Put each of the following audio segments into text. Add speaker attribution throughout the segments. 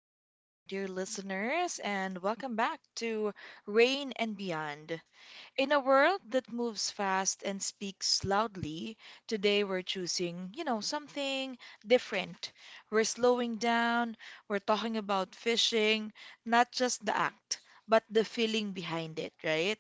Speaker 1: to our dear listeners, and welcome back to Rain and Beyond. In a world that moves fast and speaks loudly, today we're choosing, something different. We're slowing down, we're talking about fishing, not just the act, but the feeling behind it, right?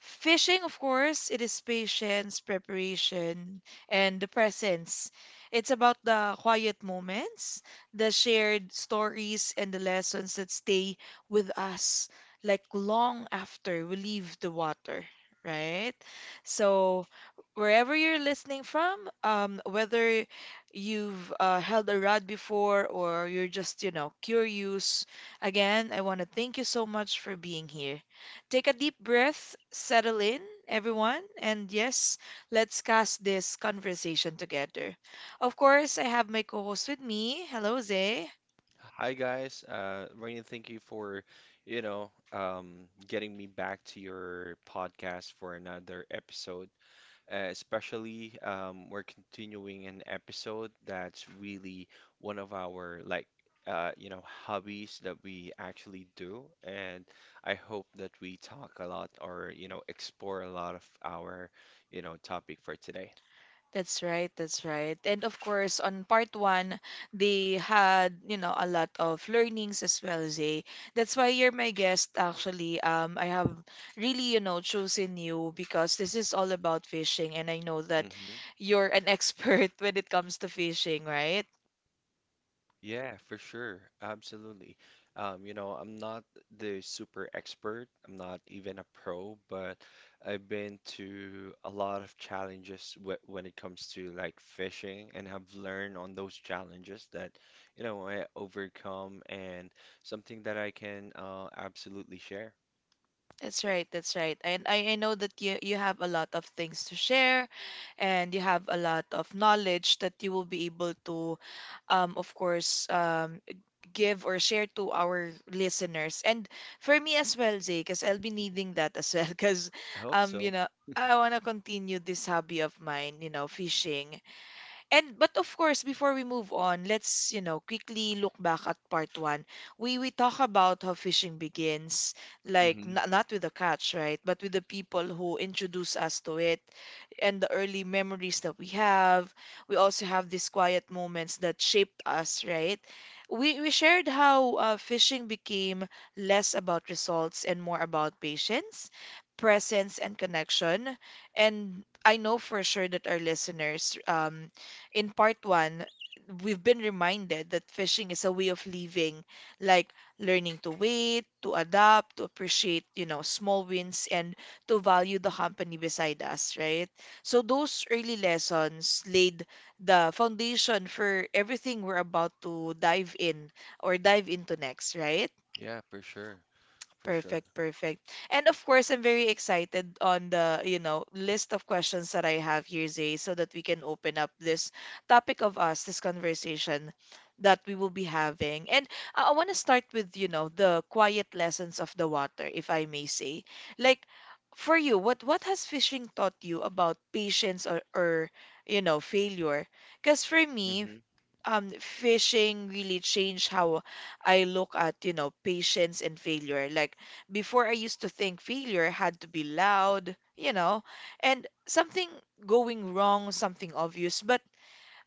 Speaker 1: Fishing, of course, it is patience, preparation, and the presence. It's about the quiet moments, the shared stories, and the lessons that stay with us like long after we leave the water, right? So, wherever you're listening from, whether you've held a rod before or you're just, curious, again, I want to thank you so much for being here. Take a deep breath, settle in, everyone, and yes, let's cast this conversation together. Of course, I have my co host with me. Hello, Zay.
Speaker 2: Hi guys, Rainy, thank you for, getting me back to your podcast for another episode. Especially, we're continuing an episode that's really one of our hobbies that we actually do, and I hope that we talk a lot or you know explore a lot of our, you know, topic for today.
Speaker 1: That's right, that's right. And of course, on part one, they had, a lot of learnings as well, Zay. That's why you're my guest, actually. I have really, chosen you because this is all about fishing, and I know that
Speaker 2: Mm-hmm.
Speaker 1: you're an expert when it comes to fishing, right?
Speaker 2: Yeah, for sure. Absolutely. You know, I'm not the super expert. I'm not even a pro, but I've been to a lot of challenges wh when it comes to like fishing and have learned on those challenges that, you know, I overcome and something that I can absolutely share.
Speaker 1: That's right, that's right. And I know that you have a lot of things to share and you have a lot of knowledge that you will be able to of course give or share to our listeners. And for me as well, Zay, because I'll be needing that as well because
Speaker 2: I hope
Speaker 1: um
Speaker 2: so.
Speaker 1: you know I want to continue this hobby of mine, fishing. And but of course, before we move on, let's, quickly look back at part one. We talk about how fishing begins, like n
Speaker 2: Hmm.
Speaker 1: not with the catch, right? But with the people who introduce us to it and the early memories that we have. We also have these quiet moments that shaped us, right? We shared how fishing became less about results and more about patience, presence, and connection. And I know for sure that our listeners in part one, we've been reminded that fishing is a way of living, like learning to wait, to adapt, to appreciate, small wins and to value the company beside us, right? So those early lessons laid the foundation for everything we're about to dive in or dive into next, right?
Speaker 2: Yeah, for sure. For sure.
Speaker 1: Perfect, perfect. And of course, I'm very excited on the, list of questions that I have here, Zay, so that we can open up this topic of us, this conversation that we will be having. And I want to start with, the quiet lessons of the water, if I may say. Like, for you, what has fishing taught you about patience or failure? Because for me,
Speaker 2: Hmm.
Speaker 1: fishing really changed how I look at, patience and failure. Like before, I used to think failure had to be loud, you know, and something going wrong, something obvious. But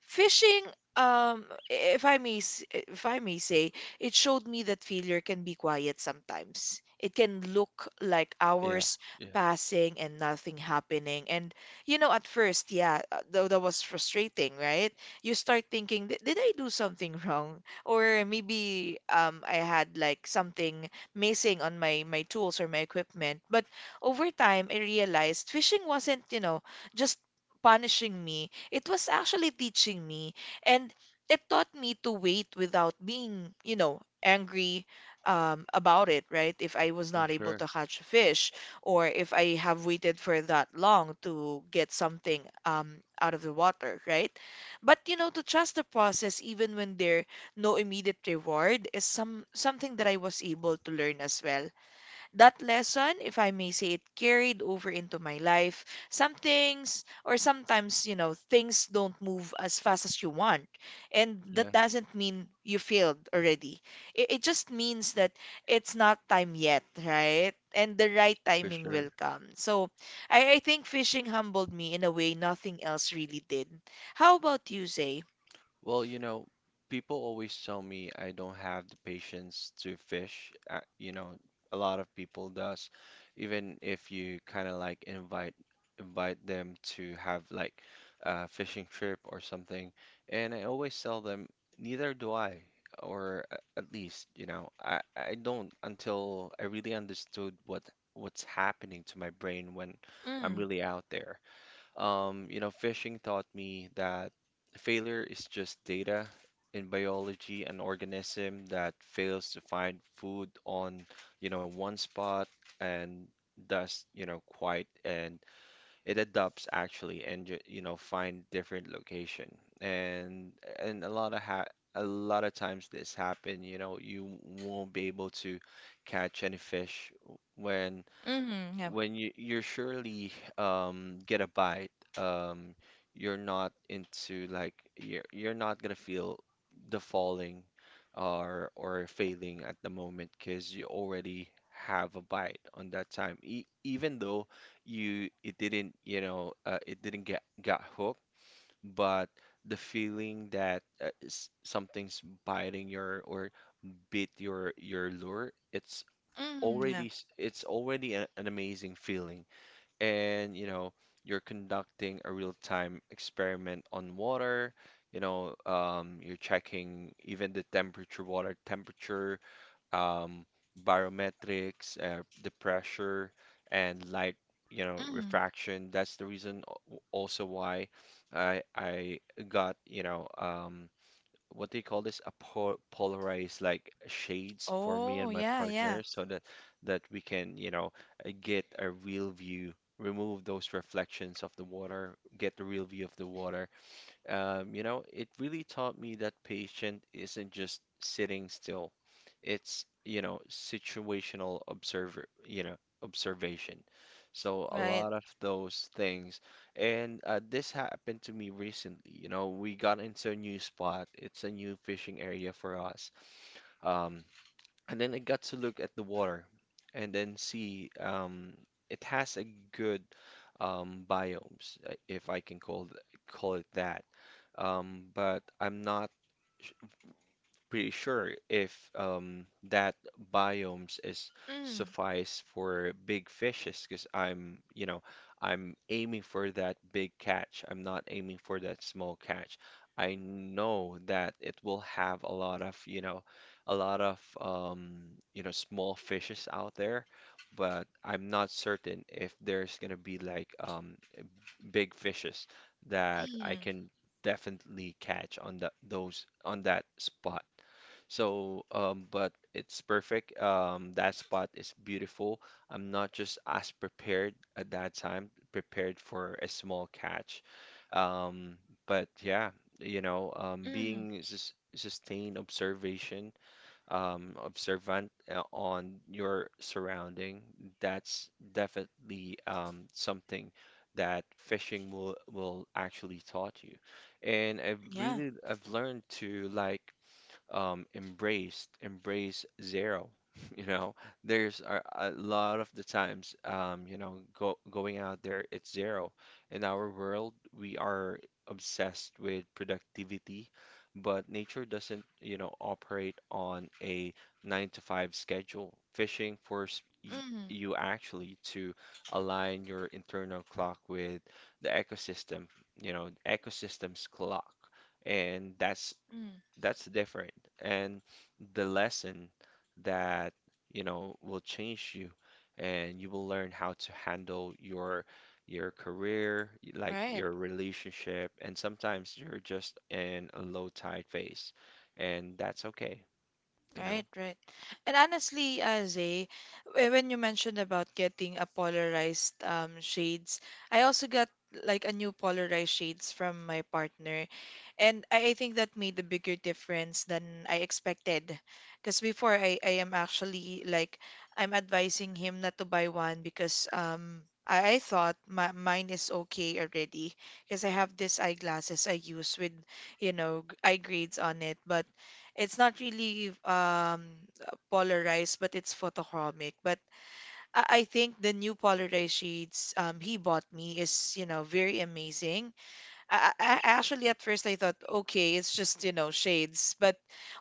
Speaker 1: fishing, um, if I may, if I may say, it showed me that failure can be quiet sometimes. It can look like
Speaker 2: Yeah,
Speaker 1: hours
Speaker 2: yeah,
Speaker 1: passing and nothing happening. And you know, at first, yeah, that was frustrating, right? You start thinking, Did I do something wrong? Or maybe I had like something missing on my tools or my equipment." But over time, I realized fishing wasn't, you know, just punishing me, it was actually teaching me, and it taught me to wait without being, you know, angry about it, right? If I was
Speaker 2: for
Speaker 1: not able
Speaker 2: sure.
Speaker 1: to catch a fish or if I have waited for that long to get something out of the water, right? But you know, to trust the process even when there no immediate reward is something that I was able to learn as well. That lesson, if I may say it, carried over into my life. Some things, or sometimes, you know, things don't move as fast as you want. And
Speaker 2: Yeah,
Speaker 1: that doesn't mean you failed already. It just means that it's not time yet, right? And the right
Speaker 2: for
Speaker 1: timing
Speaker 2: sure.
Speaker 1: will come. So I think fishing humbled me in a way nothing else really did. How about you, Zay?
Speaker 2: Well, you know, people always tell me I don't have the patience to fish. You know, a lot of people does. Even if you kind of like invite them to have like a fishing trip or something, and I always tell them neither do I, or at least, you know, I don't until I really understood what what's happening to my brain when I'm
Speaker 1: Mm,
Speaker 2: really out there. You know, fishing taught me that failure is just data. In biology, an organism that fails to find food on, you know, one spot and thus, you know, quite and it adapts actually and you know find different location. And and a lot of ha a lot of times this happen, you know, you won't be able to catch any fish when
Speaker 1: yeah.
Speaker 2: when you're surely get a bite, um you're not into like you're not gonna feel the falling or failing at the moment because you already have a bite on that time. E Even though you it didn't you know it didn't get got hooked, but the feeling that something's biting your or bit your lure,
Speaker 1: Yeah.
Speaker 2: it's already a, an amazing feeling. And you know you're conducting a real-time experiment on water, you know, you're checking even the temperature water temperature, um, barometrics, the pressure, and light, you know,
Speaker 1: Mm.
Speaker 2: refraction. That's the reason also why I got you know what do you call this? A po polarized like shades for me
Speaker 1: Oh,
Speaker 2: and my
Speaker 1: yeah, yeah.
Speaker 2: partner so that we can, you know, get a real view, remove those reflections of the water, get the real view of the water. You know, it really taught me that patient isn't just sitting still. It's, you know, situational observer, you know, observation. So a
Speaker 1: Right.
Speaker 2: lot of those things. And this happened to me recently. You know, we got into a new spot. It's a new fishing area for us. Um, and then I got to look at the water and then see it has a good biomes, if I can call it that. But I'm not pretty sure if that biomes is
Speaker 1: Mm.
Speaker 2: suffice for big fishes, because I'm, you know, I'm aiming for that big catch. I'm not aiming for that small catch. I know that it will have a lot of, you know, a lot of, you know, small fishes out there, but I'm not certain if there's gonna be like big fishes that I
Speaker 1: Mm.
Speaker 2: can definitely catch on that those on that spot. So, but it's perfect. That spot is beautiful. I'm not just as prepared at that time, prepared for a small catch. Um, but yeah, you know,
Speaker 1: Mm.
Speaker 2: being sustained observation, observant on your surrounding, that's definitely something that fishing will actually taught you. And
Speaker 1: Yeah.
Speaker 2: I've learned to like embrace zero. You know, there's a lot of the times, you know, going out there, it's zero. In our world, we are obsessed with productivity, but nature doesn't, you know, operate on a nine to five schedule.
Speaker 1: Mm.
Speaker 2: You actually to align your internal clock with the ecosystem, you know, ecosystem's clock. And that's
Speaker 1: Mm.
Speaker 2: that's different. And the lesson that, you know, will change you and you will learn how to handle your career, like
Speaker 1: Right.
Speaker 2: your relationship, and sometimes you're just in a low tide phase, and that's okay, you know?
Speaker 1: Right, right. And honestly, Zay, when you mentioned about getting a polarized shades, I also got like a new polarized shades from my partner. And I think that made a bigger difference than I expected. Because before I am actually like I'm advising him not to buy one because I thought mine is okay already because I have these eyeglasses I use with you know eye grades on it, but it's not really polarized, but it's photochromic. But I think the new polarized shades he bought me is, you know, very amazing. I actually at first I thought, okay, it's just, you know, shades. But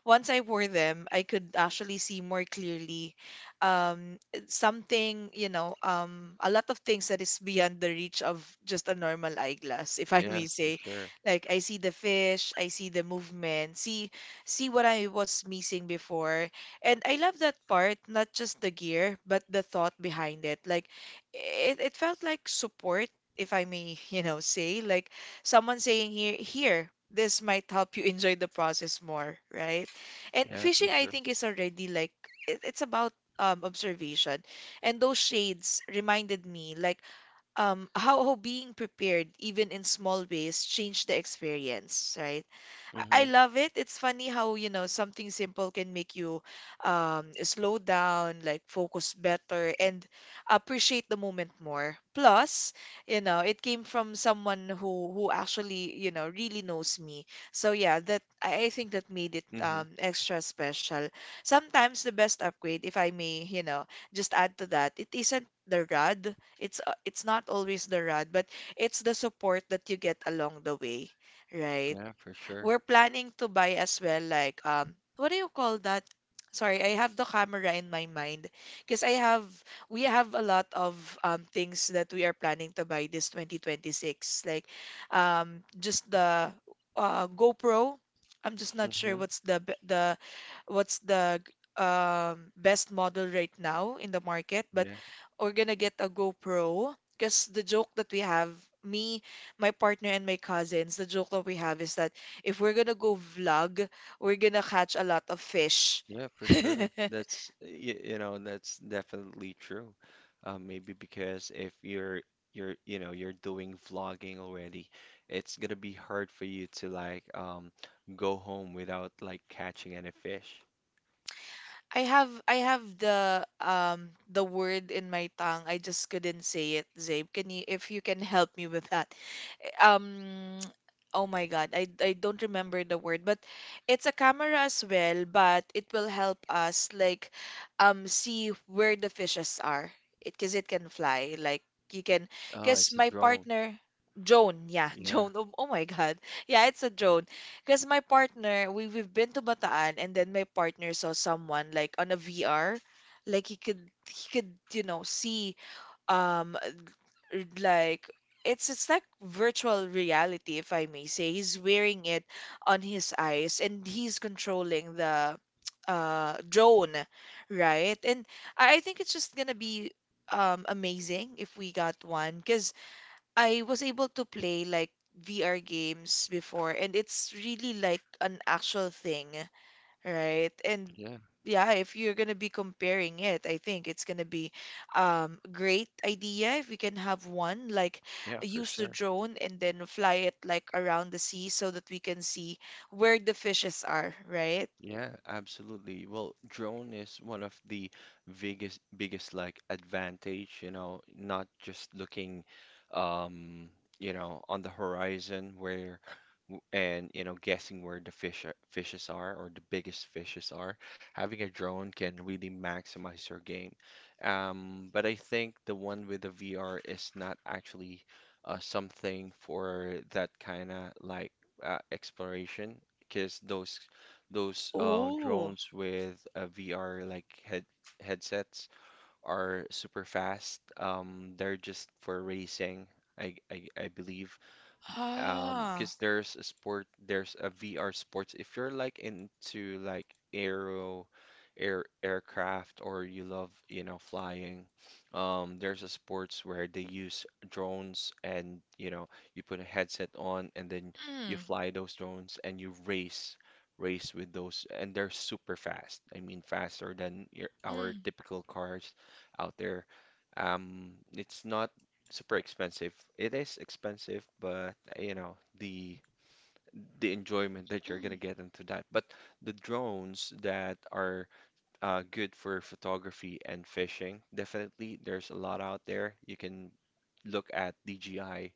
Speaker 1: once I wore them, I could actually see more clearly. It's something, you know, a lot of things that is beyond the reach of just a normal eyeglass, if I
Speaker 2: Yeah,
Speaker 1: may
Speaker 2: for
Speaker 1: say.
Speaker 2: sure.
Speaker 1: Like I see the fish, I see the movement, see what I was missing before. And I love that part, not just the gear, but the thought behind it. Like it felt like support, if I may, you know, say, like someone saying, Here, this might help you enjoy the process more," right? And
Speaker 2: Yeah, for
Speaker 1: fishing,
Speaker 2: sure.
Speaker 1: I think, is already like it's about observation, and those shades reminded me like how being prepared even in small ways changed the experience, right?
Speaker 2: Mm-hmm.
Speaker 1: I love it. It's funny how, you know, something simple can make you slow down, like focus better, and appreciate the moment more. Plus, you know, it came from someone who actually, you know, really knows me. So yeah, that I think that made it
Speaker 2: Mm-hmm.
Speaker 1: extra special. Sometimes the best upgrade, if I may, you know, just add to that, it isn't the rod. It's not always the rod, but it's the support that you get along the way. Right.
Speaker 2: Yeah, for sure.
Speaker 1: We're planning to buy as well like what do you call that? Sorry, I have the camera in my mind because I have we have a lot of things that we are planning to buy this 2026, like just the GoPro. I'm just not sure
Speaker 2: Mm-hmm.
Speaker 1: what's the what's the best model right now in the market, but
Speaker 2: Yeah.
Speaker 1: we're gonna get a GoPro because the joke that we have, me, my partner, and my cousins, the joke that we have is that if we're gonna go vlog, we're gonna catch a lot of fish.
Speaker 2: Yeah, for sure. That's you, you know that's definitely true. Maybe because if you know you're doing vlogging already, it's gonna be hard for you to like go home without like catching any fish.
Speaker 1: I have the word in my tongue. I just couldn't say it, Zabe. Can you if you can help me with that? um oh my God, I don't remember the word, but it's a camera as well, but it will help us like see where the fishes are. It because it can fly. Like you can
Speaker 2: Oh,
Speaker 1: because
Speaker 2: it's a
Speaker 1: my
Speaker 2: drone.
Speaker 1: partner Joan, yeah,
Speaker 2: Yeah,
Speaker 1: Joan. Oh, oh my God. Yeah, it's a drone. Because my partner, we've been to Bataan, and then my partner saw someone like on a VR. Like he could, you know, see um like it's like virtual reality, if I may say. He's wearing it on his eyes and he's controlling the drone, right? And I think it's just gonna be amazing if we got one, because I was able to play like VR games before, and it's really like an actual thing, right? And
Speaker 2: yeah,
Speaker 1: yeah, if you're gonna be comparing it, I think it's gonna be great idea if we can have one, like
Speaker 2: yeah, for
Speaker 1: use the
Speaker 2: sure.
Speaker 1: drone and then fly it like around the sea so that we can see where the fishes are, right?
Speaker 2: Yeah, absolutely. Well, drone is one of the biggest like advantage, you know, not just looking um, you know, on the horizon where and you know, guessing where the fishes are or the biggest fishes are. Having a drone can really maximize your game. But I think the one with the VR is not actually something for that kind of like exploration, because those
Speaker 1: Oh,
Speaker 2: drones with VR like headsets are super fast. They're just for racing, I believe.
Speaker 1: ah,
Speaker 2: Because there's a sport, there's a VR sports. If you're like into like aero, air aircraft, or you love, you know, flying, there's a sports where they use drones, and you know, you put a headset on, and then you
Speaker 1: mm,
Speaker 2: fly those drones, and you race with those, and they're super fast. I mean, faster than our
Speaker 1: mm,
Speaker 2: typical cars out there. It's not super expensive. It is expensive, but you know, the enjoyment that you're gonna
Speaker 1: mm.
Speaker 2: get into that. But the drones that are good for photography and fishing, definitely there's a lot out there. You can look at DJI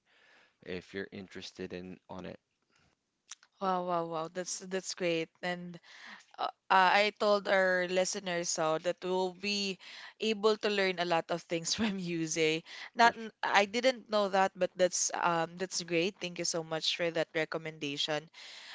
Speaker 2: if you're interested in on it.
Speaker 1: Wow, wow, wow. That's great. And I told our listeners so that we'll be able to learn a lot of things from you, Zay.
Speaker 2: For
Speaker 1: Not n- I didn't know that, but that's great. Thank you so much for that recommendation.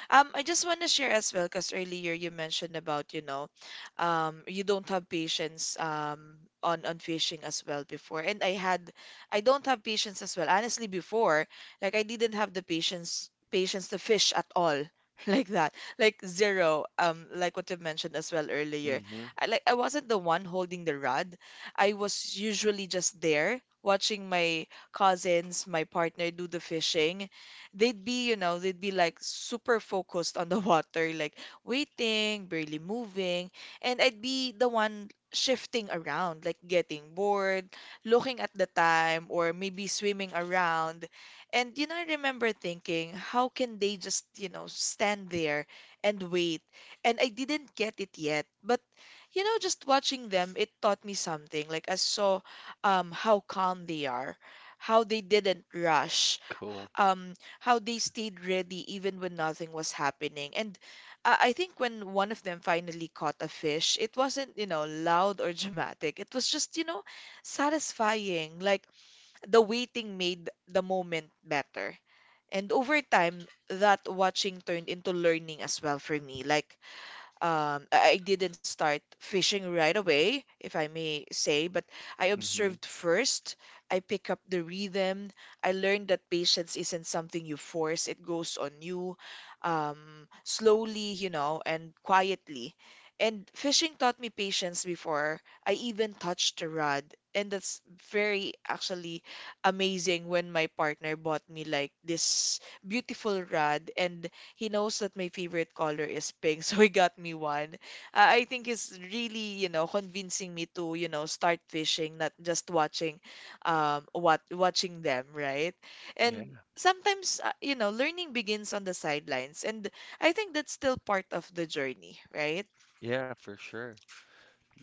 Speaker 1: I just want to share as well, because earlier you mentioned about, you know, you don't have patience on fishing as well before, and I don't have patience as well. Honestly, before, like I didn't have the patience to fish at all, like that, like zero. Like what you mentioned as well earlier,
Speaker 2: Mm-hmm,
Speaker 1: I like I wasn't the one holding the rod. I was usually just there watching my cousins, my partner do the fishing. They'd be, you know, they'd be like super focused on the water, like waiting, barely moving, and I'd be the one shifting around, like getting bored, looking at the time, or maybe swimming around. And you know, I remember thinking, how can they just, you know, stand there and wait? And I didn't get it yet, but you know, just watching them, it taught me something. Like I saw how calm they are, how they didn't rush,
Speaker 2: cool.
Speaker 1: um how they stayed ready even when nothing was happening. And I think when one of them finally caught a fish, it wasn't, you know, loud or dramatic. It was just, you know, satisfying, like the waiting made the moment better. And over time, that watching turned into learning as well for me. Like I didn't start fishing right away, if I may say, but I
Speaker 2: Mm-hmm.
Speaker 1: observed first. I pick up the rhythm. I learned that patience isn't something you force, it goes on you slowly, you know, and quietly. And fishing taught me patience before I even touched the rod. And that's very actually amazing when my partner bought me like this beautiful rod, and he knows that my favorite color is pink, so he got me one. I think it's really, you know, convincing me to, you know, start fishing, not just watching, what watching them, right?
Speaker 2: Yeah,
Speaker 1: And sometimes, you know, learning begins on the sidelines, and I think that's still part of the journey, right?
Speaker 2: yeah, for sure. The-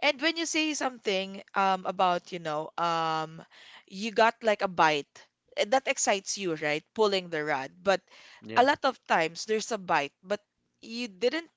Speaker 1: And when you say something, about, you know, you got like a bite. That excites you, right? Pulling the rod. But a
Speaker 2: yeah,
Speaker 1: lot of times there's a bite, but you didn't,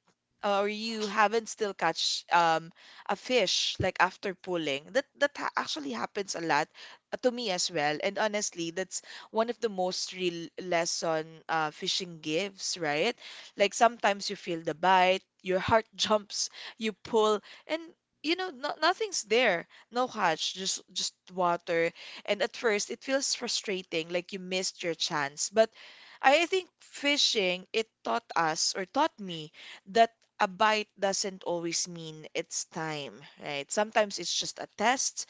Speaker 1: or you haven't still catch a fish like after pulling. That that ha actually happens a lot to me as well. And honestly, that's one of the most real lesson fishing gives, right? Like sometimes you feel the bite, your heart jumps, you pull, and you know, nothing's there. No catch, just water. And at first it feels frustrating, like you missed your chance, but I think fishing, it taught us or taught me that a bite doesn't always mean it's time, right? Sometimes it's just a test,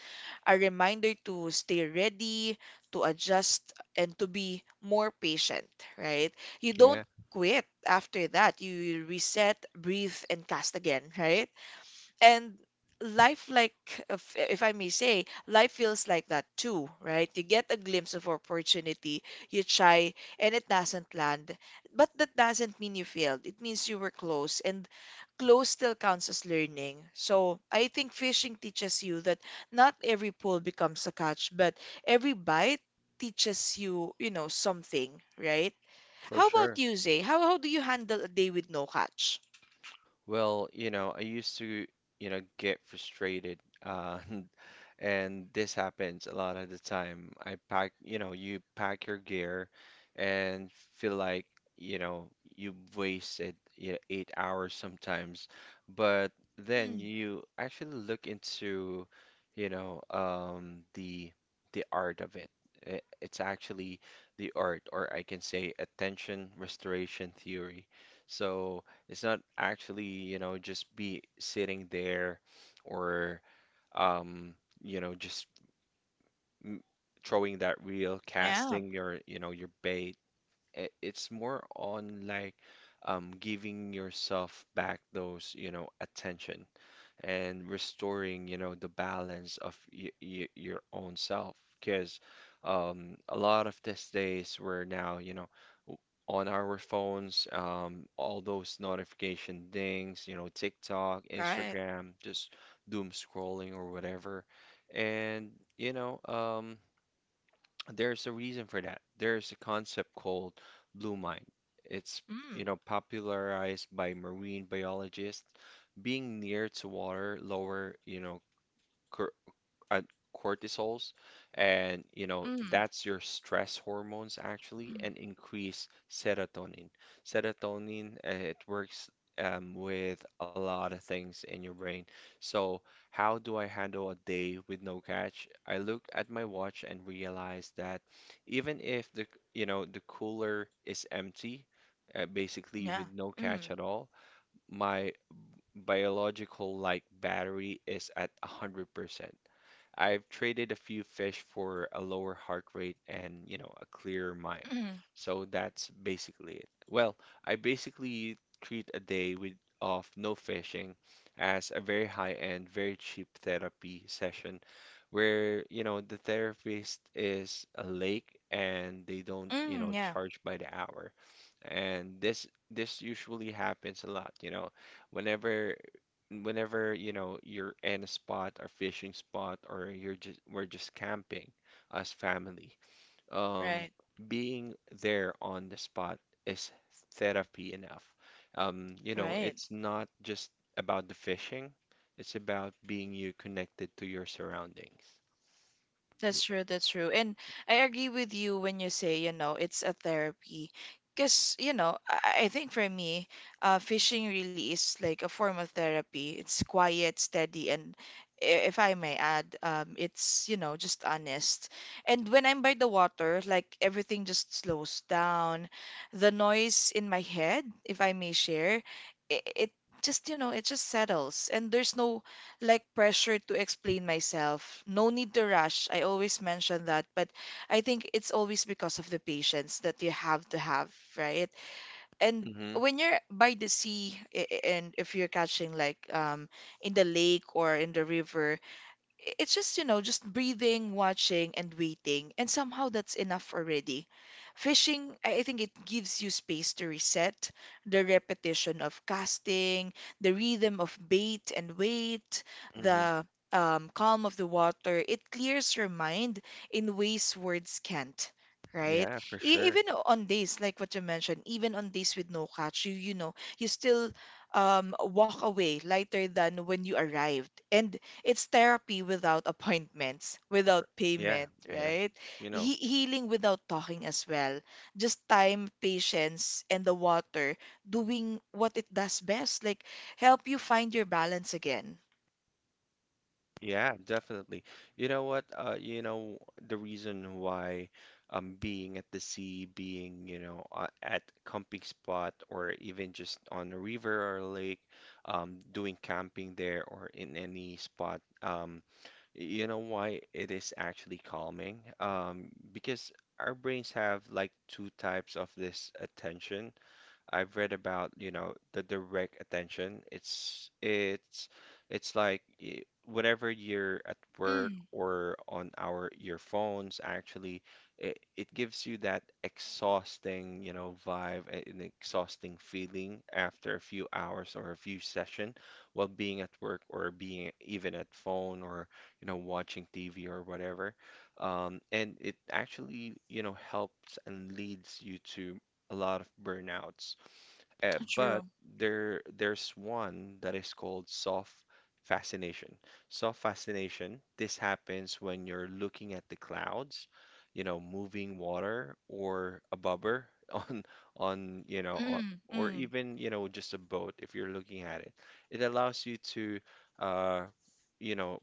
Speaker 1: a reminder to stay ready, to adjust, and to be more patient, right? You don't
Speaker 2: yeah,
Speaker 1: quit after that. You reset, breathe, and cast again, right? And life, like, if I may say, life feels like that too, right? You get a glimpse of opportunity, you try, and it doesn't land, but that doesn't mean you failed. It means you were close, and close still counts as learning. So I think fishing teaches you that not every pull becomes a catch, but every bite teaches you, you know, something, right?
Speaker 2: for
Speaker 1: How about
Speaker 2: sure.
Speaker 1: you, Zay? How do you handle a day with no catch?
Speaker 2: Well, you know, you know, get frustrated. Uh, and this happens a lot of the time. You know, you pack your gear and feel like, you know, you've wasted, you know, 8 hours sometimes. But then
Speaker 1: Mm,
Speaker 2: you actually look into, you know, the art of it. It's actually the art, or I can say attention restoration theory. So it's not actually, you know, just be sitting there or, um, you know, m- throwing that reel,
Speaker 1: yeah.
Speaker 2: casting your, you know, your bait. It's more on like giving yourself back those, you know, attention and restoring, you know, the balance of y y your own self. Because a lot of these days we're now, you know, on our phones, all those notification dings, you know, TikTok,
Speaker 1: Right.
Speaker 2: Instagram, just doom scrolling or whatever. And, you know, there's a reason for that. There's a concept called blue mind. It's, you
Speaker 1: Mm.
Speaker 2: know, popularized by marine biologists. Being near to water lower, you know, cor uh, cortisols, and you know
Speaker 1: Mm.
Speaker 2: that's your stress hormones actually,
Speaker 1: Mm.
Speaker 2: and increase serotonin. Serotonin, it works with a lot of things in your brain. So how do I handle a day with no catch? I look at my watch and realize that even if the you know the cooler is empty, basically
Speaker 1: Yeah.
Speaker 2: with no catch
Speaker 1: Mm.
Speaker 2: at all, my biological like battery is at 100%. I've traded a few fish for a lower heart rate and, you know, a clearer mind.
Speaker 1: Mm.
Speaker 2: So that's basically it. Well, I basically treat a day with of no fishing as a very high-end, very cheap therapy session where, you know, the therapist is a lake and they don't, you know,
Speaker 1: Mm. Yeah.
Speaker 2: charge by the hour. And this usually happens a lot, you know. Whenever whenever you know you're in a spot or fishing spot or you're just we're just camping as family, um
Speaker 1: Right.
Speaker 2: being there on the spot is therapy enough. You know,
Speaker 1: Right.
Speaker 2: it's not just about the fishing, it's about being you connected to your surroundings.
Speaker 1: That's true, that's true. And I agree with you when you say, you know, it's a therapy. Because, you know, I think for me, fishing really is like a form of therapy. It's quiet, steady, and if I may add, it's, you know, just honest. And when I'm by the water, like everything just slows down. The noise in my head, if I may share, it just, you know, it just settles. And there's no like pressure to explain myself. No need to rush. I always mention that, but I think it's always because of the patience that you have to have, right? And
Speaker 2: Mm-hmm.
Speaker 1: when you're by the sea, and if you're catching like in the lake or in the river, it's just, you know, just breathing, watching, and waiting. And somehow that's enough already. Fishing, I think it gives you space to reset, the repetition of casting, the rhythm of bait and wait,
Speaker 2: Mm-hmm.
Speaker 1: the calm of the water. It clears your mind in ways words can't. Right?
Speaker 2: Yeah, for sure.
Speaker 1: Even on days like what you mentioned, even on days with no catch, you know, you still walk away lighter than when you arrived. And it's therapy without appointments,
Speaker 2: For,
Speaker 1: without
Speaker 2: yeah,
Speaker 1: payment,
Speaker 2: yeah.
Speaker 1: right?
Speaker 2: You know.
Speaker 1: He healing without talking as well. Just time, patience, and the water doing what it does best, like help you find your balance again.
Speaker 2: Yeah, definitely. You know what? You know, the reason why being at the sea, being, you know, at camping spot or even just on a river or a lake, doing camping there or in any spot, you know why it is actually calming? Because our brains have like two types of this attention. I've read about, you know, the direct attention. Whenever you're at work
Speaker 1: Mm,
Speaker 2: or on our your phones, actually, it gives you that exhausting, you know, vibe, an exhausting feeling after a few hours or a few session while being at work or being even at phone or, you know, watching TV or whatever. And it actually, helps and leads you to a lot of burnouts. Uh, but
Speaker 1: true.
Speaker 2: there there's one that is called soft fascination. Soft fascination, this happens when you're looking at the clouds, you know, moving water, or a bobber on you know,
Speaker 1: Mm,
Speaker 2: or
Speaker 1: mm,
Speaker 2: even, you know, just a boat if you're looking at it. It allows you to uh, you know,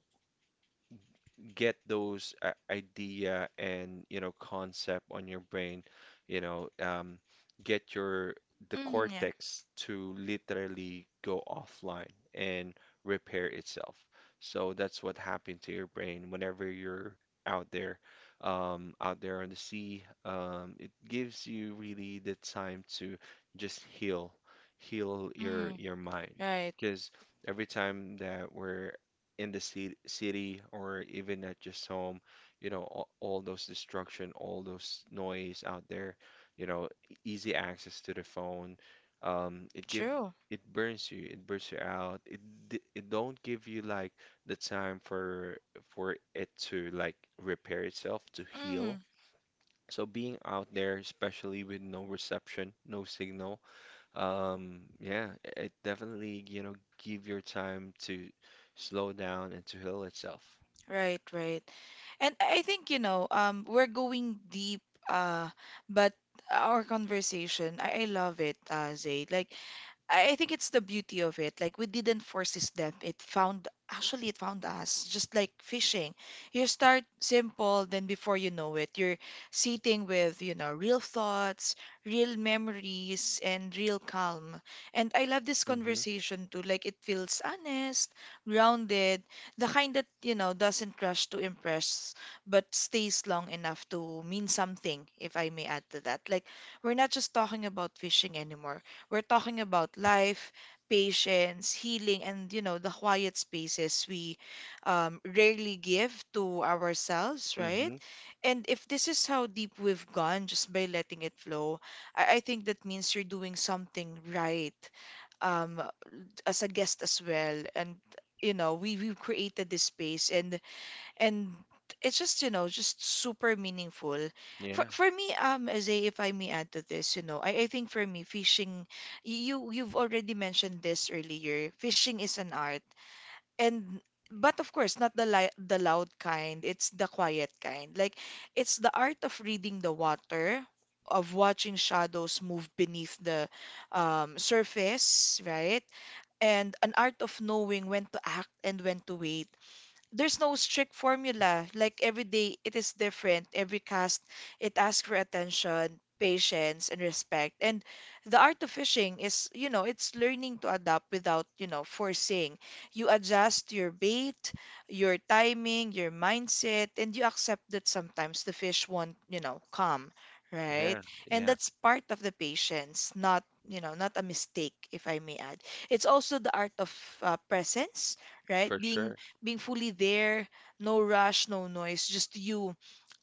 Speaker 2: get those idea and you know concept on your brain, you know, get your the
Speaker 1: mm, yeah.
Speaker 2: cortex to literally go offline and repair itself. So that's what happened to your brain whenever you're out there, out there on the sea. It gives you really the time to just heal, heal your
Speaker 1: Mm,
Speaker 2: mind
Speaker 1: right.
Speaker 2: because every time that we're in the city or even at just home, you know, all those destruction, all those noise out there, you know, easy access to the phone, um,
Speaker 1: True.
Speaker 2: it burns you out. It don't give you like the time for it to like repair itself to heal.
Speaker 1: Mm.
Speaker 2: So being out there, especially with no reception, no signal, yeah, it definitely, you know, give your time to slow down and to heal itself.
Speaker 1: Right, right. And I think, you know, we're going deep, uh, but our conversation, I love it, Zaid. Like, I think it's the beauty of it. Like we didn't force this death. It found us just like fishing. You start simple, then before you know it, you're sitting with, you know, real thoughts, real memories, and real calm. And I love this
Speaker 2: Mm-hmm.
Speaker 1: conversation too. Like it feels honest, grounded, the kind that, you know, doesn't rush to impress, but stays long enough to mean something, if I may add to that. Like we're not just talking about fishing anymore. We're talking about life, patience, healing, and you know, the quiet spaces we rarely give to ourselves, right?
Speaker 2: Mm-hmm.
Speaker 1: And if this is how deep we've gone just by letting it flow, I think that means you're doing something right, um, as a guest as well. And you know, we've created this space, and and it's just, you know, just super meaningful for
Speaker 2: Yeah,
Speaker 1: me, um, as if I may add to this, you know, I think for me, fishing, you've already mentioned this earlier, fishing is an art. And but of course not the loud kind, it's the quiet kind. Like it's the art of reading the water, of watching shadows move beneath the surface, right? And an art of knowing when to act and when to wait. There's no strict formula. Like every day, it is different. Every cast, it asks for attention, patience, and respect. And the art of fishing is, you know, it's learning to adapt without, you know, forcing. You adjust your bait, your timing, your mindset, and you accept that sometimes the fish won't, you know, come, right?
Speaker 2: yeah,
Speaker 1: And
Speaker 2: yeah,
Speaker 1: that's part of the patience, not, you know, not a mistake, if I may add. It's also the art of presence, right?
Speaker 2: for sure.
Speaker 1: Being fully there, no rush, no noise, just you,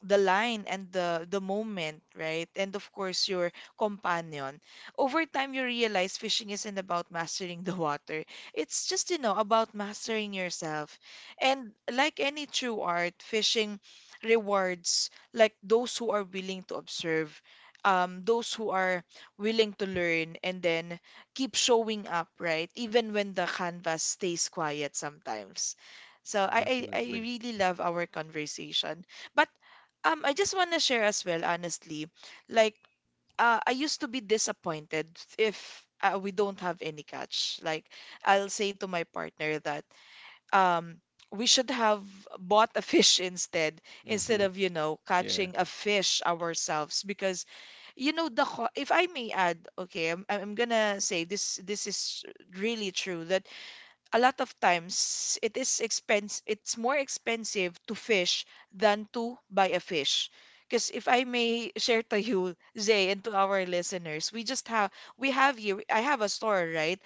Speaker 1: the line, and the moment, right? And of course, your companion. Over time, you realize fishing isn't about mastering the water. It's just, you know, about mastering yourself. And like any true art, fishing rewards like those who are willing to observe, those who are willing to learn, and then keep showing up, right? Even when the canvas stays quiet sometimes. So I
Speaker 2: Definitely.
Speaker 1: really love our conversation. But I just want to share as well, honestly. Like, I used to be disappointed if we don't have any catch. Like, I'll say to my partner that um, we should have bought a fish instead, instead
Speaker 2: Mm-hmm.
Speaker 1: of, you know,
Speaker 2: Yeah.
Speaker 1: catching a fish ourselves. Because, you know, the if I may add, okay, I'm gonna say this, this is really true that a lot of times it is expense, it's more expensive to fish than to buy a fish. Because if I may share to you, Zay, and to our listeners, we just have, we have here, I have a store, right?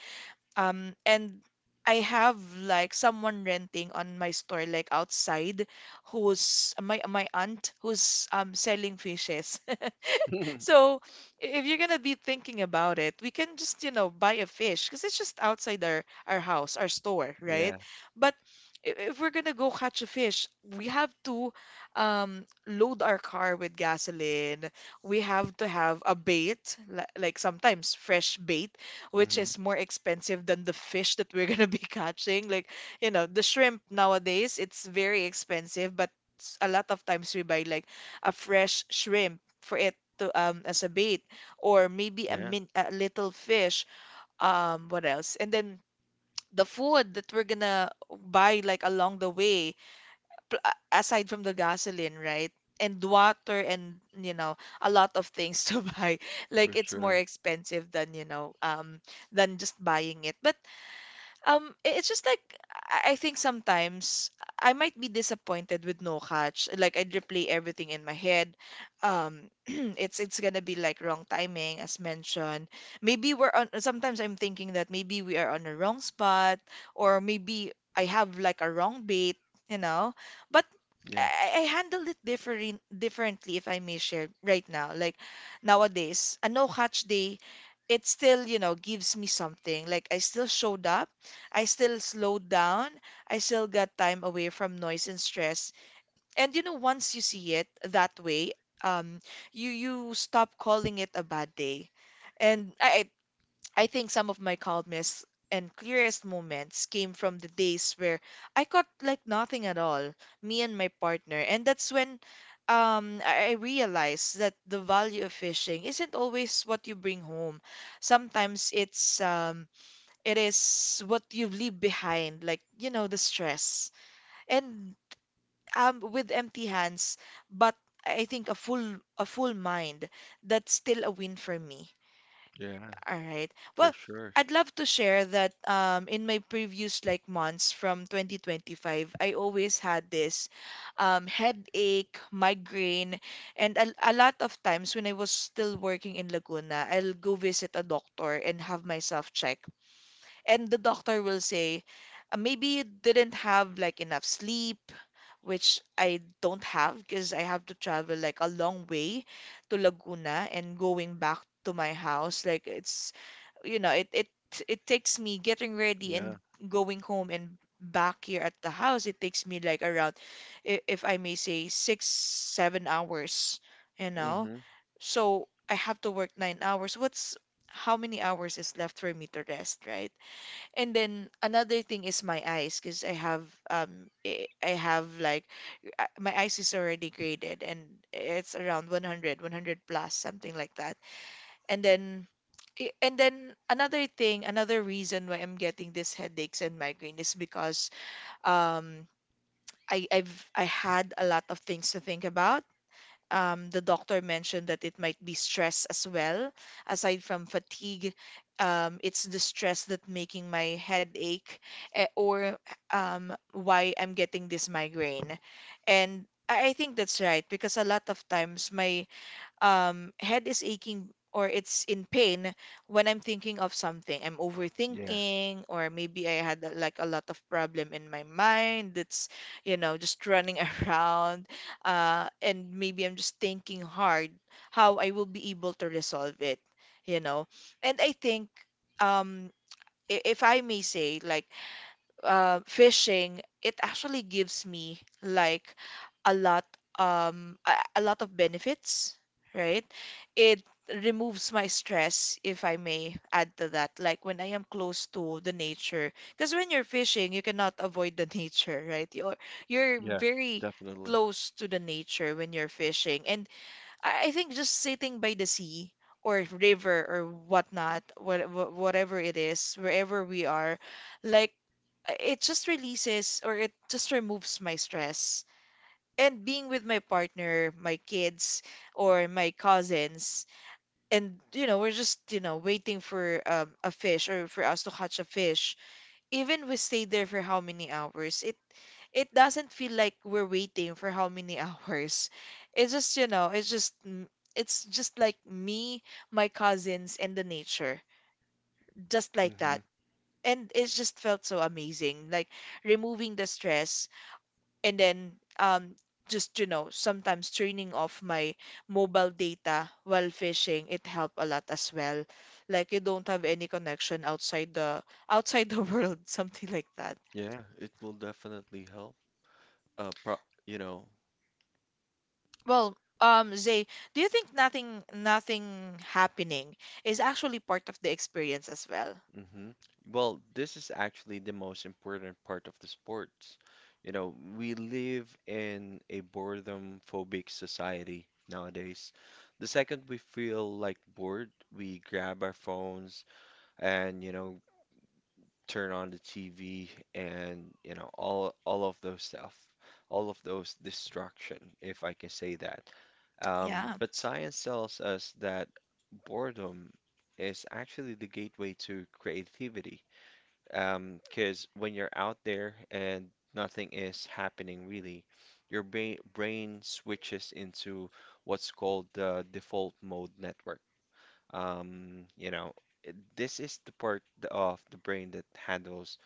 Speaker 1: And I have like someone renting on my store, like outside, who's my aunt, who's selling fishes. So if you're gonna be thinking about it, we can just, you know, buy a fish because it's just outside our house, our store, right?
Speaker 2: Yeah.
Speaker 1: But if we're gonna go catch a fish, we have to load our car with gasoline. We have to have a bait, like sometimes fresh bait, which
Speaker 2: Mm-hmm.
Speaker 1: is more expensive than the fish that we're gonna be catching. Like, you know, the shrimp nowadays, it's very expensive, but a lot of times we buy like a fresh shrimp for it to as a bait, or maybe a
Speaker 2: Yeah,
Speaker 1: min a little fish, um, what else, and then the food that we're gonna buy like along the way, aside from the gasoline, right? And water, and you know, a lot of things to buy. Like
Speaker 2: for
Speaker 1: it's more
Speaker 2: sure.
Speaker 1: expensive than, you know, um, than just buying it. But it's just like I think sometimes I might be disappointed with no catch. Like I'd replay everything in my head. Um, it's gonna be like wrong timing, as mentioned. Maybe we're on. Sometimes I'm thinking that maybe we are on the wrong spot, or maybe I have like a wrong bait, you know. But
Speaker 2: Yeah,
Speaker 1: I handle it different differently, if I may share right now. Like nowadays, a no catch day, it still gives me something. Like I still showed up. I still slowed down. I still got time away from noise and stress. And you know, once you see it that way, um, you stop calling it a bad day. And I think some of my calmest and clearest moments came from the days where I caught like nothing at all, me and my partner. And that's when I realized that the value of fishing isn't always what you bring home. Sometimes it is what you leave behind, like, you know, the stress. And with empty hands, but I think a full mind, that's still a win for me.
Speaker 2: yeah,
Speaker 1: All right.
Speaker 2: for
Speaker 1: Well,
Speaker 2: sure.
Speaker 1: I'd love to share that in my previous like months from 2025, I always had this headache, migraine, and a lot of times when I was still working in Laguna, I'll go visit a doctor and have myself check and the doctor will say, Maybe you didn't have like enough sleep, which I don't have because I have to travel like a long way to Laguna and going back to my house. Like it's, you know, it it takes me getting ready
Speaker 2: Yeah.
Speaker 1: and going home and back here at the house. It takes me like around, if I may say, six, 7 hours, you know.
Speaker 2: Mm-hmm.
Speaker 1: So I have to work 9 hours. What's how many hours is left for me to rest, right? And then another thing is my eyes because I have I have like my eyes is already graded and it's around 100, 100 plus something like that. And then and then another thing, another reason why I'm getting these headaches and migraine is because um I had a lot of things to think about. The doctor mentioned that it might be stress as well. Aside from fatigue, it's the stress that making my head ache eh, or why I'm getting this migraine. And I think that's right because a lot of times my head is aching or it's in pain when I'm thinking of something. I'm
Speaker 2: Yeah,
Speaker 1: overthinking, or maybe I had like a lot of problem in my mind that's, you know, just running around. And maybe I'm just thinking hard how I will be able to resolve it, you know. And I think, um, if I may say, like fishing, it actually gives me like a lot a lot of benefits, right? It removes my stress, if I may add to that, like when I am close to the nature. Because when you're fishing, you cannot avoid the nature, right? You're
Speaker 2: yeah,
Speaker 1: very
Speaker 2: definitely.
Speaker 1: close to the nature when you're fishing. And I think just sitting by the sea or river or whatnot, whatever it is, wherever we are, like it just releases or it just removes my stress. And being with my partner, my kids, or my cousins, and you know, we're just, you know, waiting for a fish or for us to catch a fish, even we stayed there for how many hours, it doesn't feel like we're waiting for how many hours. It's just, you know, it's just like me, my cousins, and the nature, just like
Speaker 2: Mm-hmm.
Speaker 1: that. And it just felt so amazing, like removing the stress and then um just you know sometimes turning off my mobile data while fishing, it helped a lot as well. Like you don't have any connection outside the world, something like that.
Speaker 2: Yeah, it will definitely help. Uh, pro you know,
Speaker 1: Well, Zay, do you think nothing happening is actually part of the experience as well?
Speaker 2: hmm. Well, this is actually the most important part of the sports. You know, we live in a boredom phobic society nowadays. The second we feel like bored, we grab our phones and, you know, turn on the TV and, you know, all of those stuff, all of those distraction, if I can say that.
Speaker 1: Yeah.
Speaker 2: But science tells us that boredom is actually the gateway to creativity. Because when you're out there and nothing is happening really, your brain switches into what's called the default mode network. You know, this is the part of the brain that handles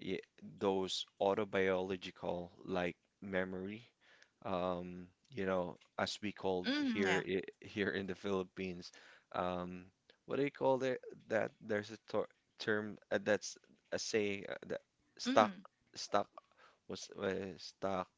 Speaker 2: y- those autobiological like memory. You know, as we call
Speaker 1: Mm, yeah.
Speaker 2: here here in the Philippines, um, what do you call there? That there's a tor term that's a say that stock
Speaker 1: Mm.
Speaker 2: stock was stock.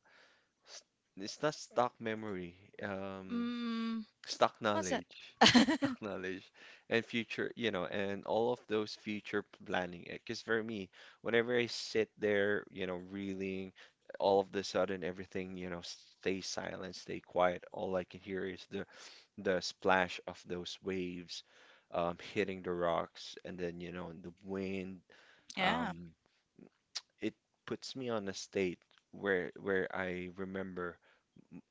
Speaker 2: S- It's not stock memory. Um,
Speaker 1: Mm,
Speaker 2: stock
Speaker 1: what's it?
Speaker 2: knowledge knowledge and future, you know, and all of those future planning. Because for me, whenever I sit there, you know, reeling, all of the sudden everything, you know, stay silent, stay quiet. All I can hear is the splash of those waves hitting the rocks, and then you know the wind.
Speaker 1: Yeah,
Speaker 2: Um, it puts me on a state where I remember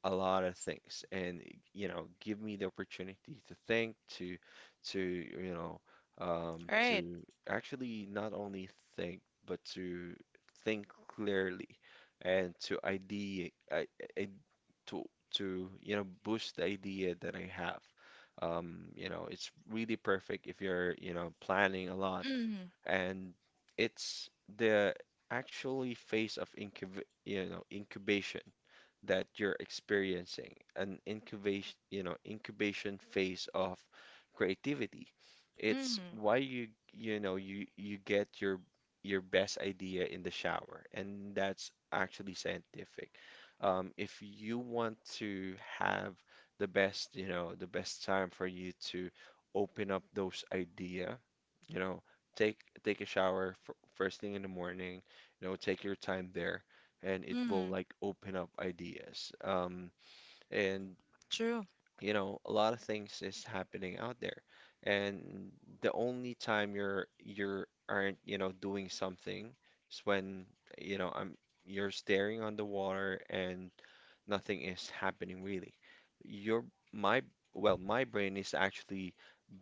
Speaker 2: a lot of things and you know give me the opportunity to think to you know
Speaker 1: right.
Speaker 2: to actually not only think but to think clearly and to idea I, to to you know boost the idea that I have. You know, it's really perfect if you're you know planning a lot,
Speaker 1: Mm,
Speaker 2: and it's the actually phase of incubation that you're experiencing, an incubation, you know, incubation phase of creativity.
Speaker 1: mm,
Speaker 2: It's why you know, you get your best idea in the shower, and that's actually scientific. If you want to have the best, you know, the best time for you to open up those idea, you know, take take a shower f first thing in the morning, you know, take your time there and it will
Speaker 1: mm,
Speaker 2: like open up ideas. And
Speaker 1: true.
Speaker 2: you know, a lot of things is happening out there. And the only time you're aren't, you know, doing something is when, you know, I'm you're staring on the water and nothing is happening really. Your my my brain is actually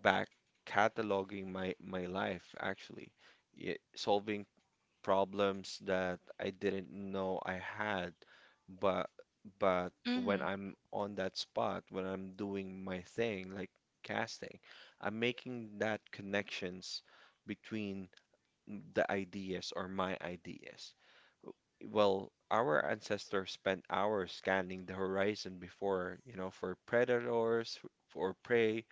Speaker 2: back cataloging my life actually. Yeah, solving problems that I didn't know I had. But but when
Speaker 1: Mm,
Speaker 2: I'm on that spot, when I'm doing my thing, like casting, I'm making that connections between the ideas or my ideas. Well, our ancestors spent hours scanning the horizon before, you know, for predators, for prey.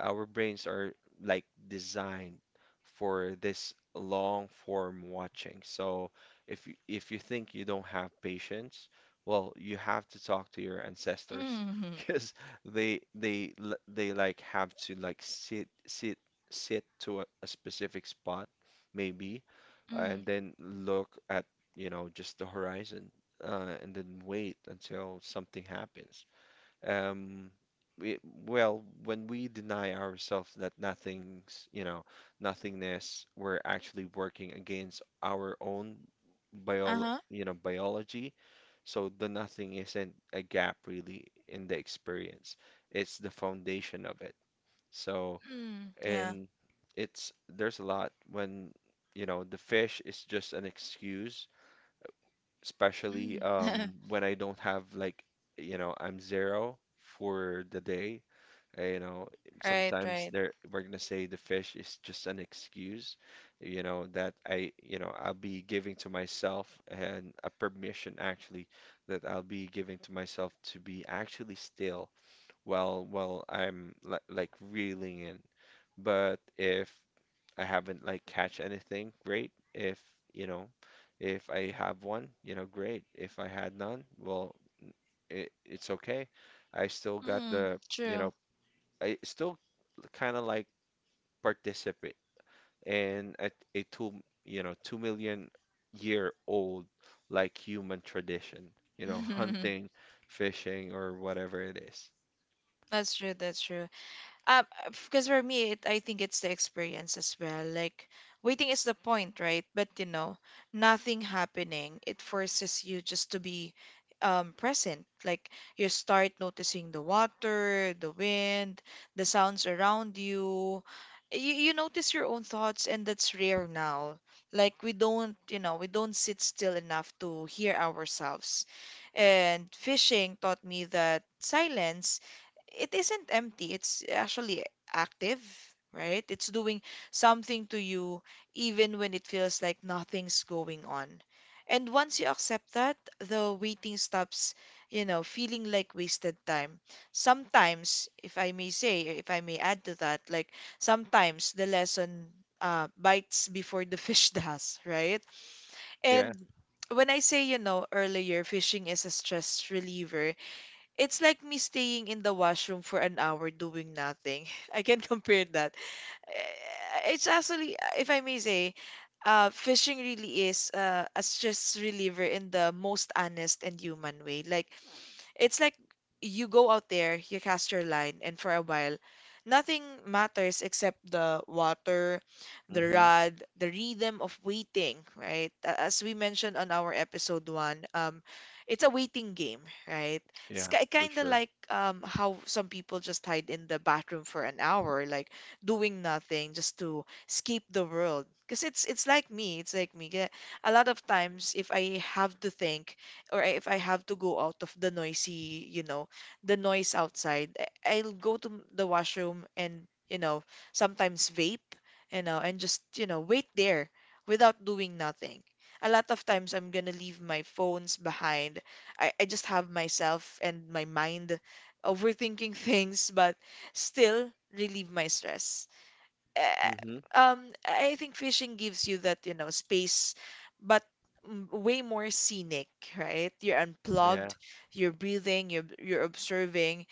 Speaker 2: Our brains are like designed for this long form watching. So if you think you don't have patience, well, you have to talk to your ancestors
Speaker 1: mm,
Speaker 2: because they like have to like sit to a specific spot maybe
Speaker 1: mm.
Speaker 2: and then look at you know just the horizon, and then wait until something happens. Um, we, when we deny ourselves that nothing's, you know, nothingness, we're actually working against our own
Speaker 1: Uh-huh.
Speaker 2: biology. So the nothing isn't a gap really in the experience. It's the foundation of it. So,
Speaker 1: Mm, yeah.
Speaker 2: and it's there's a lot when, you know, the fish is just an excuse, especially
Speaker 1: Mm.
Speaker 2: when I don't have like you know I'm zero for the day. You know,
Speaker 1: Right,
Speaker 2: sometimes
Speaker 1: right.
Speaker 2: there we're gonna say the fish is just an excuse, you know, that I you know I'll be giving to myself, and a permission actually that I'll be giving to myself to be actually still while I'm li like reeling in. But if I haven't like catch anything, great. If, you know, if I have one, you know, great. If I had none, well, it's okay. I still got
Speaker 1: Mm,
Speaker 2: the, you
Speaker 1: true.
Speaker 2: know, I still kind of like participate. And a two, you know, 2 million year old like human tradition, you know, hunting, fishing, or whatever it is.
Speaker 1: That's true, that's true. Um, because for me, I think it's the experience as well. Like, waiting is the point, right? But you know, nothing happening, it forces you just to be present. Like, you start noticing the water, the wind, the sounds around you. You notice your own thoughts, and that's rare now. Like, we don't, you know, we don't sit still enough to hear ourselves. And fishing taught me that silence, it isn't empty. It's actually active, right? It's doing something to you even when it feels like nothing's going on. And once you accept that, the waiting stops, you know, feeling like wasted time. Sometimes, if I may say, if I may add to that, like sometimes the lesson bites before the fish does, right?
Speaker 2: Yeah.
Speaker 1: And when I say, you know, earlier, fishing is a stress reliever, it's like me staying in the washroom for an hour doing nothing. I can compare that. Eh, it's actually, if I may say, fishing really is a stress reliever in the most honest and human way. Like it's like you go out there, you cast your line, and for a while, nothing matters except the water, the
Speaker 2: Mm-hmm.
Speaker 1: rod, the rhythm of waiting, right? A- As we mentioned on our episode one, it's a waiting game, right? It's
Speaker 2: Yeah, for
Speaker 1: kind of
Speaker 2: sure.
Speaker 1: like how some people just hide in the bathroom for an hour, like doing nothing just to escape the world. Because it's like me, it's like me. Kaya a lot of times, if I have to think, or if I have to go out of the noisy, you know, the noise outside, I'll go to the washroom and, you know, sometimes vape, you know, and just, you know, wait there without doing nothing. A lot of times I'm gonna leave my phones behind. I just have myself and my mind overthinking things, but still relieve my stress uh,
Speaker 2: Mm-hmm.
Speaker 1: I think fishing gives you that, you know, space, but way more scenic, right? You're
Speaker 2: Yeah.
Speaker 1: unplugged, you're breathing, you're observing,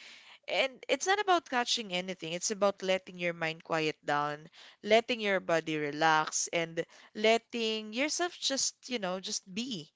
Speaker 1: and it's not about catching anything. It's about letting your mind quiet down, letting your body relax, and letting yourself just, you know, just be.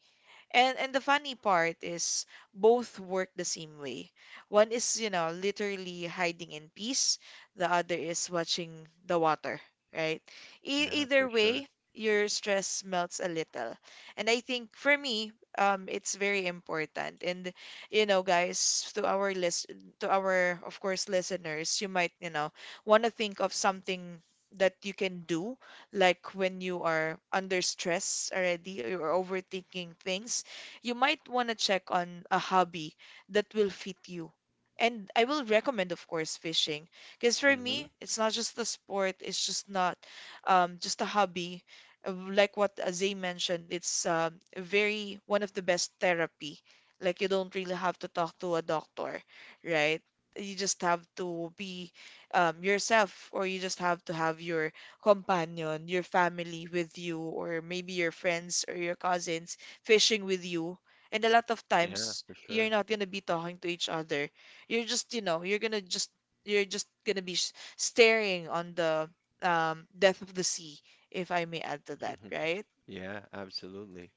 Speaker 1: And the funny part is both work the same way. One is, you know, literally hiding in peace. The other is watching the water, right? E
Speaker 2: Yeah, for
Speaker 1: either
Speaker 2: sure.
Speaker 1: way, your stress melts a little. And I think for me, it's very important. And you know, guys, to our, of course, listeners, you might, you know, want to think of something that you can do like when you are under stress already or you're overthinking things, you might want to check on a hobby that will fit you. And I will recommend, of course, fishing. Because for
Speaker 2: Mm-hmm.
Speaker 1: me, it's not just a sport, it's just not just a hobby. Like what Zay mentioned, it's very one of the best therapy. Like you don't really have to talk to a doctor, right? You just have to be yourself, or you just have to have your companion, your family with you, or maybe your friends or your cousins fishing with you. And a lot of
Speaker 2: Yeah,
Speaker 1: times,
Speaker 2: for
Speaker 1: you're
Speaker 2: sure.
Speaker 1: not gonna be talking to each other. You're just, you know, you're gonna just, you're just gonna be staring on the death of the sea, if I may add to that, right?
Speaker 2: Yeah, absolutely.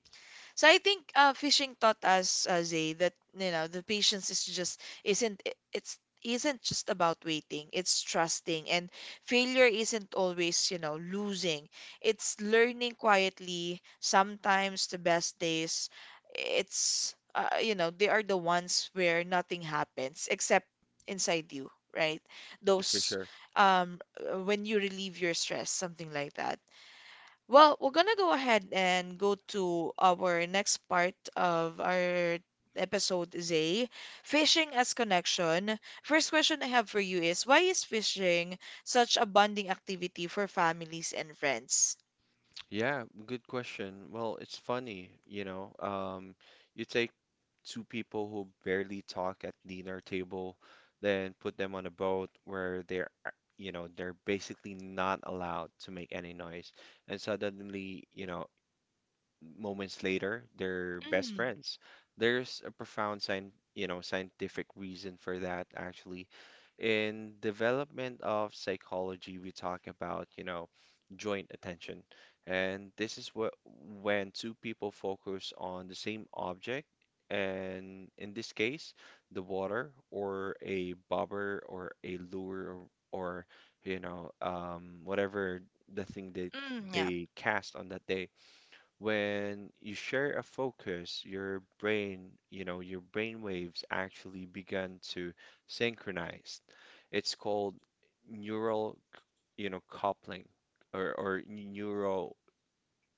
Speaker 1: So I think fishing taught us, Zay, that you know the patience is just isn't I- it's isn't just about waiting. It's trusting, and failure isn't always you know losing. It's learning quietly. Sometimes the best days, it's you know they are the ones where nothing happens except inside you, right?
Speaker 2: For
Speaker 1: Those
Speaker 2: sure.
Speaker 1: When you relieve your stress, something like that. Well, we're gonna go ahead and go to our next part of our episode, Zay. Fishing as connection. First question I have for you is why is fishing such a bonding activity for families and friends?
Speaker 2: Yeah, good question. Well, it's funny, you know. You take two people who barely talk at dinner table, then put them on a boat where you know, they're basically not allowed to make any noise. And suddenly, you know, moments later, they're best
Speaker 1: Mm,
Speaker 2: friends. There's a profound sign, you know, scientific reason for that actually. In development of psychology, we talk about, you know, joint attention. And this is what when two people focus on the same object, and in this case, the water or a bobber or a lure or you know, whatever the thing
Speaker 1: mm, yeah.
Speaker 2: they cast on that day. When you share a focus, you know, your brain waves actually begin to synchronize. It's called neural, you know, coupling or neural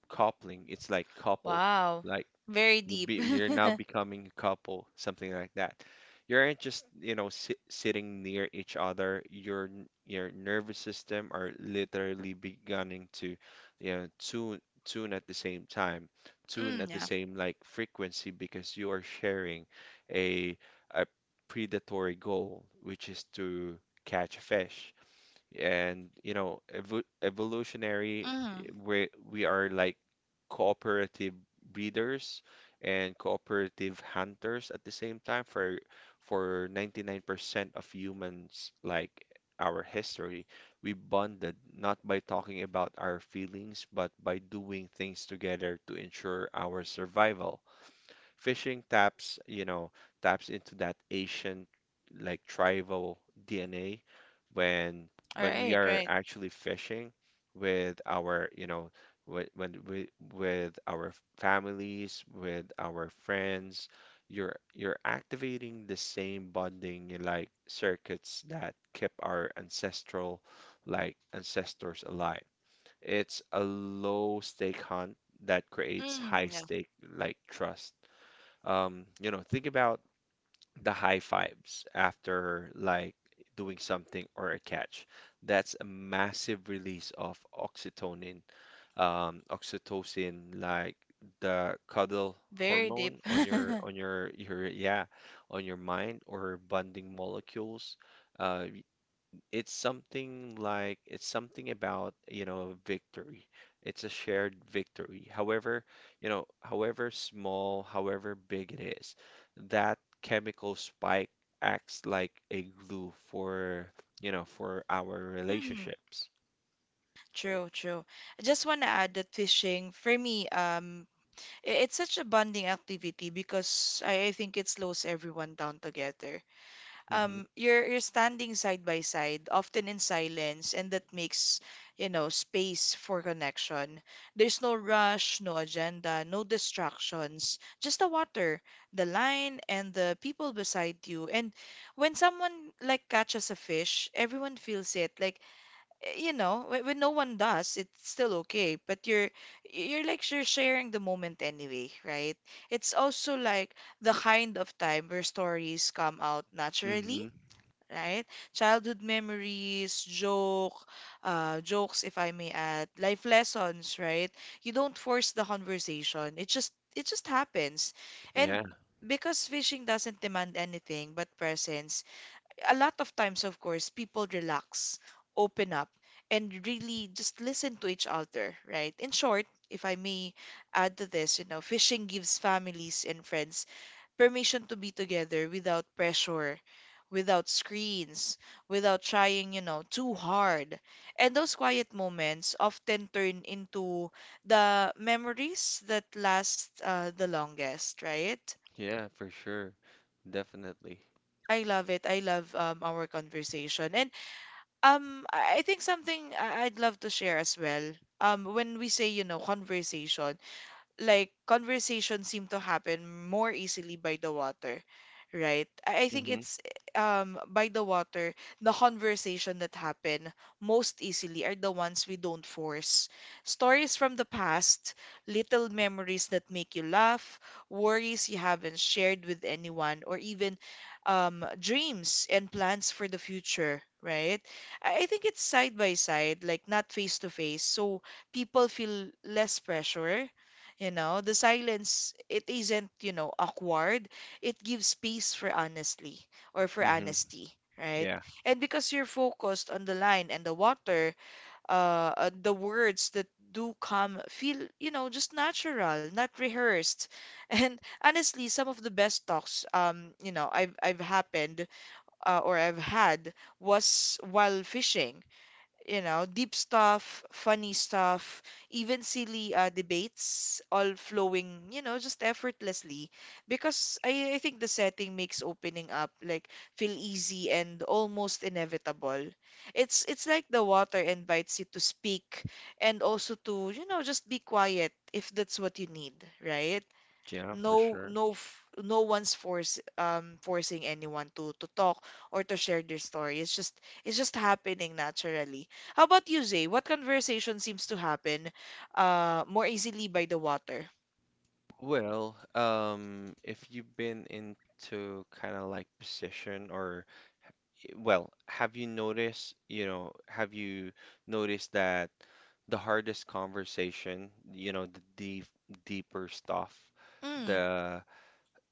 Speaker 2: coupling. It's like couple.
Speaker 1: Wow.
Speaker 2: Like
Speaker 1: Very deep.
Speaker 2: you're now becoming a couple, something like that. You aren't just, you know, sitting near each other. Your nervous system are literally beginning to, you know, tune at the same time, tune
Speaker 1: Mm,
Speaker 2: at the
Speaker 1: yeah.
Speaker 2: same like frequency because you are sharing a a predatory goal, which is to catch a fish. And you know evolutionary
Speaker 1: Mm,
Speaker 2: we are like cooperative breeders and cooperative hunters at the same time for 99% of humans like our history. We bonded not by talking about our feelings but by doing things together to ensure our survival. Fishing taps, you know, taps into that ancient like tribal DNA when
Speaker 1: all
Speaker 2: we
Speaker 1: right,
Speaker 2: are
Speaker 1: right.
Speaker 2: actually fishing with our, you know, when we, with our families, with our friends, you're activating the same bonding like circuits that kept our ancestral like ancestors alive. It's a low stake hunt that creates
Speaker 1: Mm,
Speaker 2: high
Speaker 1: yeah.
Speaker 2: stake like trust. You know, think about the high fives after like doing something or a catch. That's a massive release of oxytocin, oxytocin, like the cuddle
Speaker 1: Very deep.
Speaker 2: hormone on your your yeah on your mind or bonding molecules. Uh, it's something about you know victory. It's a shared victory, however, you know, however small, however big it is, that chemical spike acts like a glue for you know for our
Speaker 1: Mm,
Speaker 2: relationships.
Speaker 1: true, true. I just want to add that fishing, for me, it's such a bonding activity because I think it slows everyone down together.
Speaker 2: Hmm.
Speaker 1: You're standing side by side, often in silence, and that makes, you know, space for connection. There's no rush, no agenda, no distractions, just the water, the line, and the people beside you. And when someone like catches a fish, everyone feels it. Like eh, you know, when no one does, it's still okay. But you're like you're sharing the moment anyway, right? It's also like the kind of time where stories come out naturally,
Speaker 2: Hmm.
Speaker 1: right? Childhood memories, jokes, if I may add, life lessons, right? You don't force the conversation. It just happens, and
Speaker 2: Yeah,
Speaker 1: because fishing doesn't demand anything but presence a lot of times, of course, people relax, open up, and really just listen to each other, right? In short, if I may add to this, fishing gives families and friends permission to be together without pressure, without screens, without trying, too hard. And those quiet moments often turn into the memories that last the longest, right?
Speaker 2: yeah, for sure. Definitely.
Speaker 1: I love it. I love our conversation. And I think something I'd love to share as well. When we say, conversation, like conversations seem to happen more easily by the water, right? I think
Speaker 2: Hmm.
Speaker 1: it's by the water the conversation that happen most easily are the ones we don't force, stories from the past, little memories that make you laugh, worries you haven't shared with anyone, or even dreams and plans for the future, right? I think it's side by side, like not face to face, so people feel less pressure. The silence, it isn't, awkward. It gives space for honestly or for
Speaker 2: Hmm.
Speaker 1: honesty, right?
Speaker 2: Yeah,
Speaker 1: And because you're focused on the line and the water, the words that do come feel, just natural, not rehearsed. And honestly, some of the best talks, you know, I've happened or I've had was while fishing, deep stuff, funny stuff, even silly debates, all flowing, just effortlessly. Because I think the setting makes opening up like feel easy and almost inevitable. It's like the water invites you to speak and also to, just be quiet if that's what you need, right?
Speaker 2: yeah, for sure.
Speaker 1: No one's force forcing anyone to talk or to share their story. It's just happening naturally. How about you, Zay? What conversation seems to happen more easily by the water?
Speaker 2: Well, if you've been into kind of like position or, well, have you noticed, have you noticed that the hardest conversation, you know, the deep, deeper stuff,
Speaker 1: Mm.
Speaker 2: the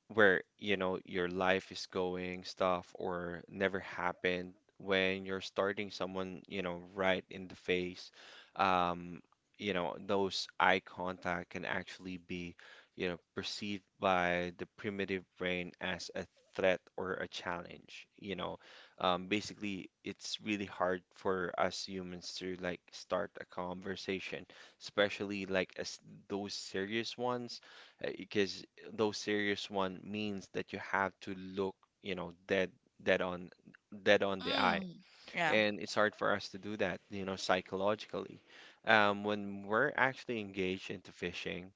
Speaker 2: where you know your life is going stuff or never happened when you're starting someone you know right in the face, um, you know those eye contact can actually be you know perceived by the primitive brain as a threat or a challenge, you know. Um, basically it's really hard for us humans to like start a conversation, especially like as those serious ones, because though serious one means that you have to look, you know, dead on dead on the eye.
Speaker 1: Mm. Yeah.
Speaker 2: And it's hard for us to do that, you know, psychologically. When we're actually engaged into fishing,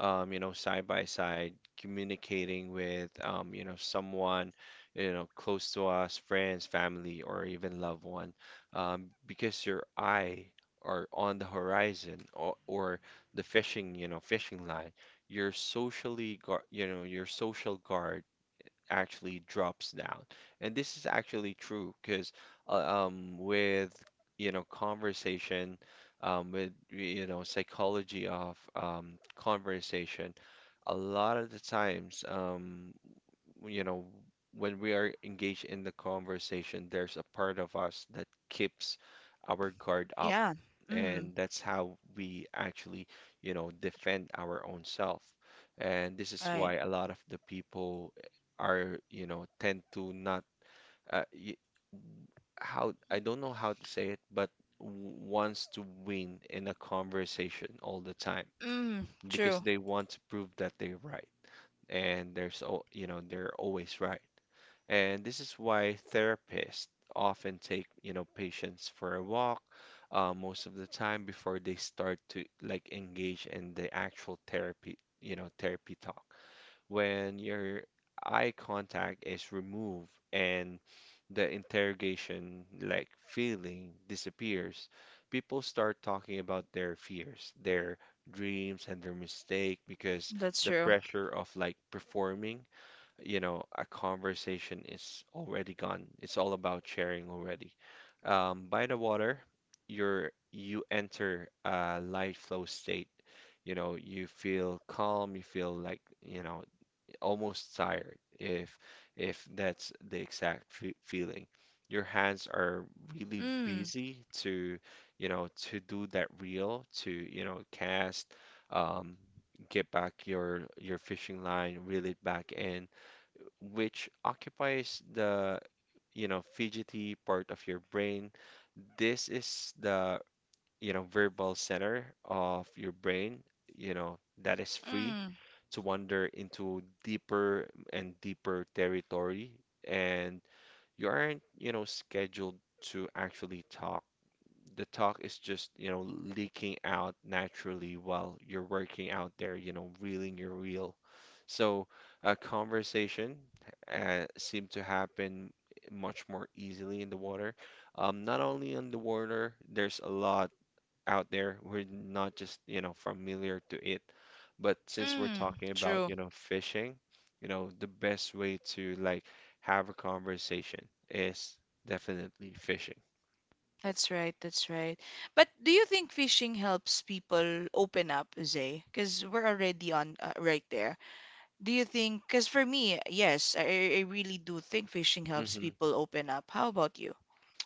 Speaker 2: you know, side by side, communicating with, you know, someone, you know, close to us, friends, family, or even loved one, because your eye are on the horizon or the fishing line. Your socially guard, your social guard actually drops down. And this is actually true because with conversation, with psychology of conversation, a lot of the times you know when we are engaged in the conversation, there's a part of us that keeps our guard up,
Speaker 1: Yeah. Mm.
Speaker 2: and that's how we actually defend our own self. And this is
Speaker 1: Right.
Speaker 2: why a lot of the people are, you know, tend to not uh, y- how — I don't know how to say it, but wants to win in a conversation all the time
Speaker 1: Mm.
Speaker 2: because
Speaker 1: True.
Speaker 2: they want to prove that they're right and there's — so they're always right. And this is why therapists often take, you know, patients for a walk most of the time before they start to like engage in the actual therapy, you know, therapy talk. When your eye contact is removed and the interrogation like feeling disappears, people start talking about their fears, their dreams and their mistake because
Speaker 1: That's
Speaker 2: the
Speaker 1: true.
Speaker 2: pressure of like performing, you know, a conversation is already gone. It's all about sharing already. By the water, you enter a light flow state. You know, you feel calm, you feel like, you know, almost tired, if that's the exact fe feeling. Your hands are really
Speaker 1: Mm.
Speaker 2: busy to, you know, to do that reel, to, you know, cast, um, get back your fishing line, reel it back in, which occupies the, you know, fidgety part of your brain. This is the verbal center of your brain, you know, that is free
Speaker 1: Mm.
Speaker 2: to wander into deeper and deeper territory. And you aren't, you know, scheduled to actually talk. The talk is just, you know, leaking out naturally while you're working out there, you know, reeling your reel. So a conversation seemed to happen much more easily in the water. Not only in the water, there's a lot out there. We're not just, you know, familiar to it. But since we're
Speaker 1: Mm,
Speaker 2: talking about,
Speaker 1: true.
Speaker 2: you know, fishing, you know, the best way to like have a conversation is definitely fishing.
Speaker 1: That's right. That's right. But do you think fishing helps people open up, Zay? Because we're already on right there. Do you think? Because for me, yes, I really do think fishing helps
Speaker 2: Hmm.
Speaker 1: people open up. How about you?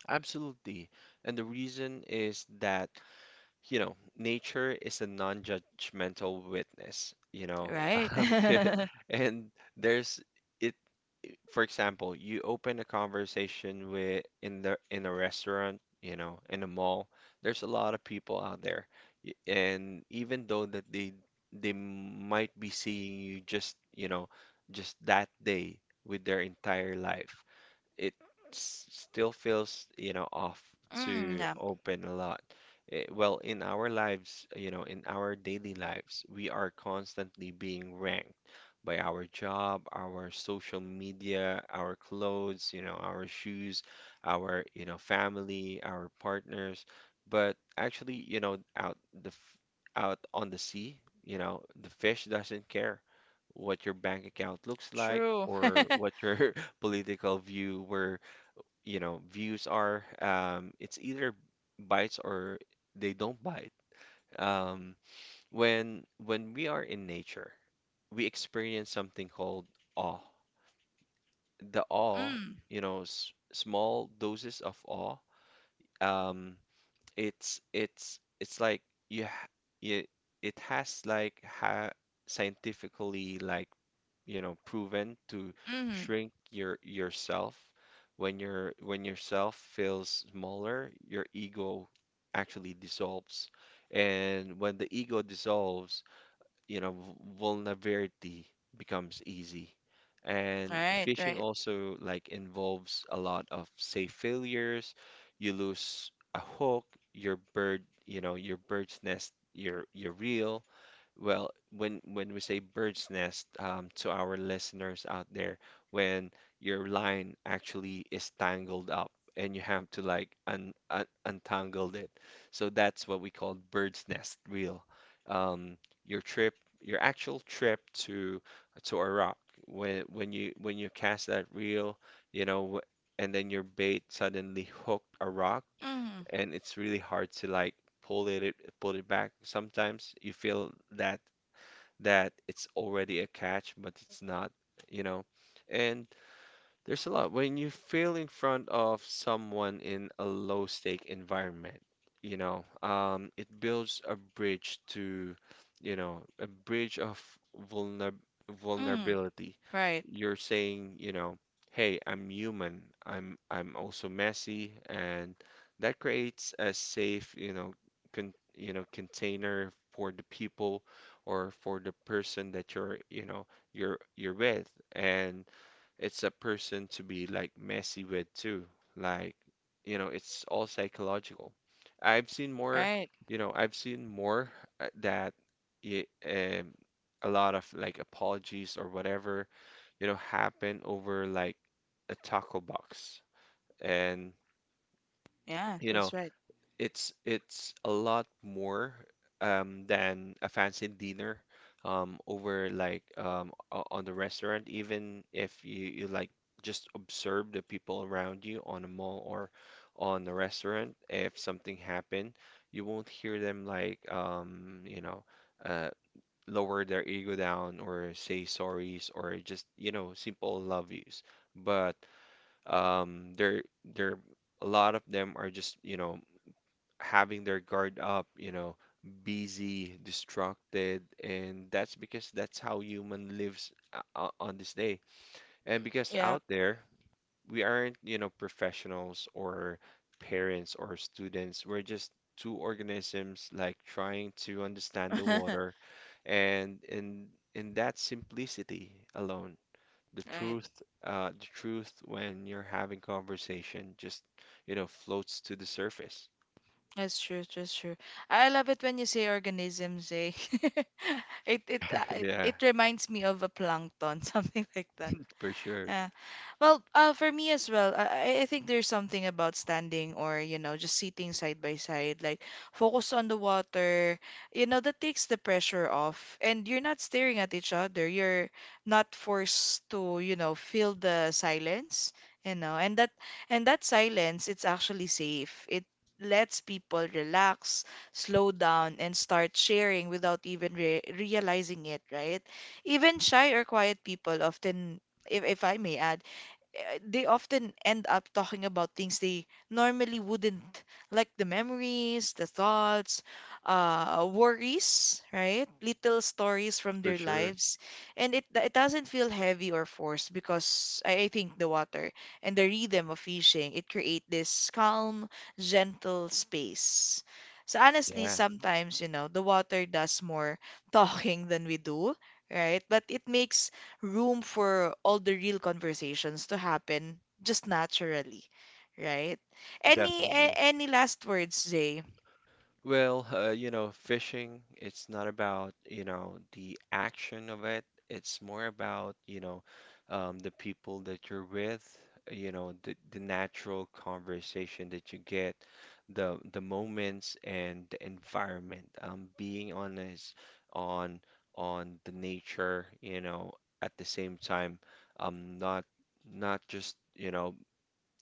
Speaker 2: Absolutely. And the reason is that, you know, nature is a non-judgmental witness, you know.
Speaker 1: Right?
Speaker 2: 'Kay. And there's it for example, you open a conversation with — in the — in a restaurant, you know, in a mall. There's a lot of people out there. And even though that they might be seeing you just, you know, just that day with their entire life, it still feels, you know, off
Speaker 1: Mm,
Speaker 2: to
Speaker 1: yeah,
Speaker 2: open a lot. Eh, well, in our lives, you know, in our daily lives, we are constantly being ranked by our job, our social media, our clothes, you know, our shoes, our, you know, family, our partners. But actually, you know, out on the sea, you know, the fish doesn't care what your bank account looks like
Speaker 1: true.
Speaker 2: or what your political view where, you know, views are, it's either bites or they don't bite. Um, when we are in nature, we experience something called awe. The awe,
Speaker 1: Mm,
Speaker 2: you know, s small doses of awe. Um, it's it's like you, ha you it has like ha scientifically like proven to
Speaker 1: mm.
Speaker 2: shrink yourself. When yourself feels smaller, your ego actually dissolves, and when the ego dissolves, you know, vulnerability becomes easy. And
Speaker 1: Right,
Speaker 2: phishing
Speaker 1: right.
Speaker 2: also like involves a lot of say failures. You lose a hook, you know, your bird's nest, your reel. Well, when we say bird's nest, to our listeners out there, when your line actually is tangled up and you have to like un, un untangle it. So that's what we call bird's nest reel. Um, your trip, your actual trip to Iraq, when you cast that reel, you know, and then your bait suddenly hooked a rock,
Speaker 1: Mm,
Speaker 2: and it's really hard to like pull it back. Sometimes you feel that it's already a catch, but it's not, you know. And there's a lot. When you fail in front of someone in a low stake environment, you know, it builds a bridge to, you know, a bridge of vulner
Speaker 1: mm.
Speaker 2: vulnerability.
Speaker 1: Right,
Speaker 2: You're saying, you know, hey, I'm human. I'm also messy, and that creates a safe, you know, con you know, container for the people or for the person that you're, you know, you're with. And it's a person to be like messy with too. Like, you know, it's all psychological. I've seen more,
Speaker 1: right.
Speaker 2: you know, I've seen more that it, um, a lot of like apologies or whatever, you know, happen over like a taco box. And,
Speaker 1: Yeah,
Speaker 2: you know,
Speaker 1: that's right.
Speaker 2: it's — it's a lot more than a fancy dinner over like on the restaurant. Even if you, you like just observe the people around you on a mall or on the restaurant, if something happened, you won't hear them like uh, lower their ego down or say sorries or just you know simple love yous. But they're — a lot of them are just you know having their guard up, you know, busy, distracted, and that's because that's how human lives on this day. And because
Speaker 1: Yeah.
Speaker 2: out there, we aren't, you know, professionals or parents or students. We're just two organisms like trying to understand the water. And in that simplicity alone, the
Speaker 1: Right.
Speaker 2: truth, the truth when you're having conversation just, you know, floats to the surface.
Speaker 1: That's true. That's true. I love it when you say organisms, eh? It it uh, it,
Speaker 2: Yeah.
Speaker 1: it reminds me of a plankton, something like that.
Speaker 2: For sure.
Speaker 1: Uh, well, for me as well, I think there's something about standing or, just sitting side by side, like focus on the water, that takes the pressure off. And you're not staring at each other. You're not forced to, feel the silence, and that silence, it's actually safe. It lets people relax, slow down, and start sharing without even re realizing it, right? Even shy or quiet people often, if I may add, eh, they often end up talking about things they normally wouldn't, like the memories, the thoughts, worries, right? Little stories from
Speaker 2: For
Speaker 1: their
Speaker 2: sure.
Speaker 1: lives. And it doesn't feel heavy or forced because I think the water and the rhythm of fishing, it create this calm, gentle space. So honestly,
Speaker 2: Yeah,
Speaker 1: sometimes, the water does more talking than we do, right? But it makes room for all the real conversations to happen just naturally, right? Any a-
Speaker 2: definitely.
Speaker 1: any last words, Zay?
Speaker 2: Well, you know, fishing, it's not about, you know, the action of it. It's more about, you know, the people that you're with, you know, the natural conversation that you get, the moments and the environment. Being on this, on on the nature, you know, at the same time, um, not not just, you know,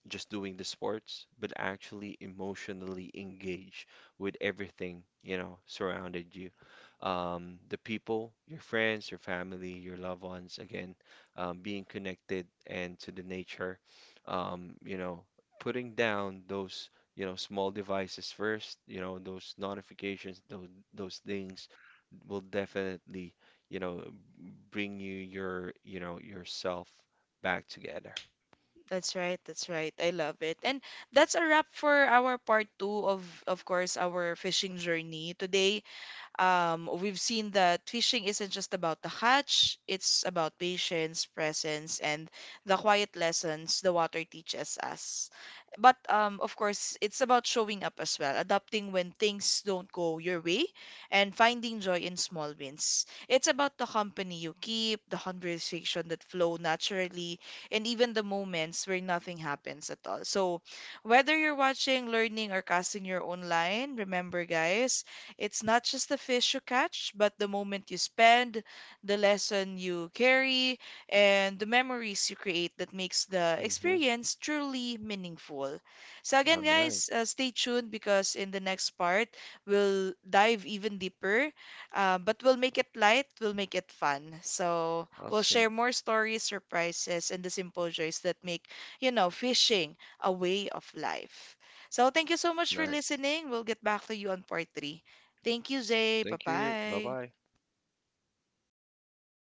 Speaker 2: just doing the sports, but actually emotionally engage with everything, you know, surrounded you. The people, your friends, your family, your loved ones, again, being connected and to the nature, you know, putting down those, you know, small devices first, you know, those notifications, those things will definitely, you know, bring you your, you know, yourself back together.
Speaker 1: That's right, that's right. I love it. And that's a wrap for our part two of course, our fishing journey today. We've seen that fishing isn't just about the catch, it's about patience, presence, and the quiet lessons the water teaches us. But of course, it's about showing up as well, adapting when things don't go your way, and finding joy in small wins. It's about the company you keep, the conversation that flow naturally, and even the moments where nothing happens at all. So, whether you're watching, learning, or casting your own line, remember, guys, it's not just the fish you catch, but the moment you spend, the lesson you carry, and the memories you create that makes the
Speaker 2: Hmm.
Speaker 1: experience truly meaningful. So
Speaker 2: All
Speaker 1: again,
Speaker 2: right.
Speaker 1: guys, stay tuned because in the next part, we'll dive even deeper, but we'll make it light, we'll make it fun. So we'll
Speaker 2: Awesome.
Speaker 1: share more stories, surprises, and the simple joys that make, fishing a way of life. So thank you so much for
Speaker 2: Nice.
Speaker 1: listening. We'll get back to you on part three. Thank you, Zay. Bye
Speaker 2: Thank you. Bye
Speaker 1: bye.
Speaker 2: bye.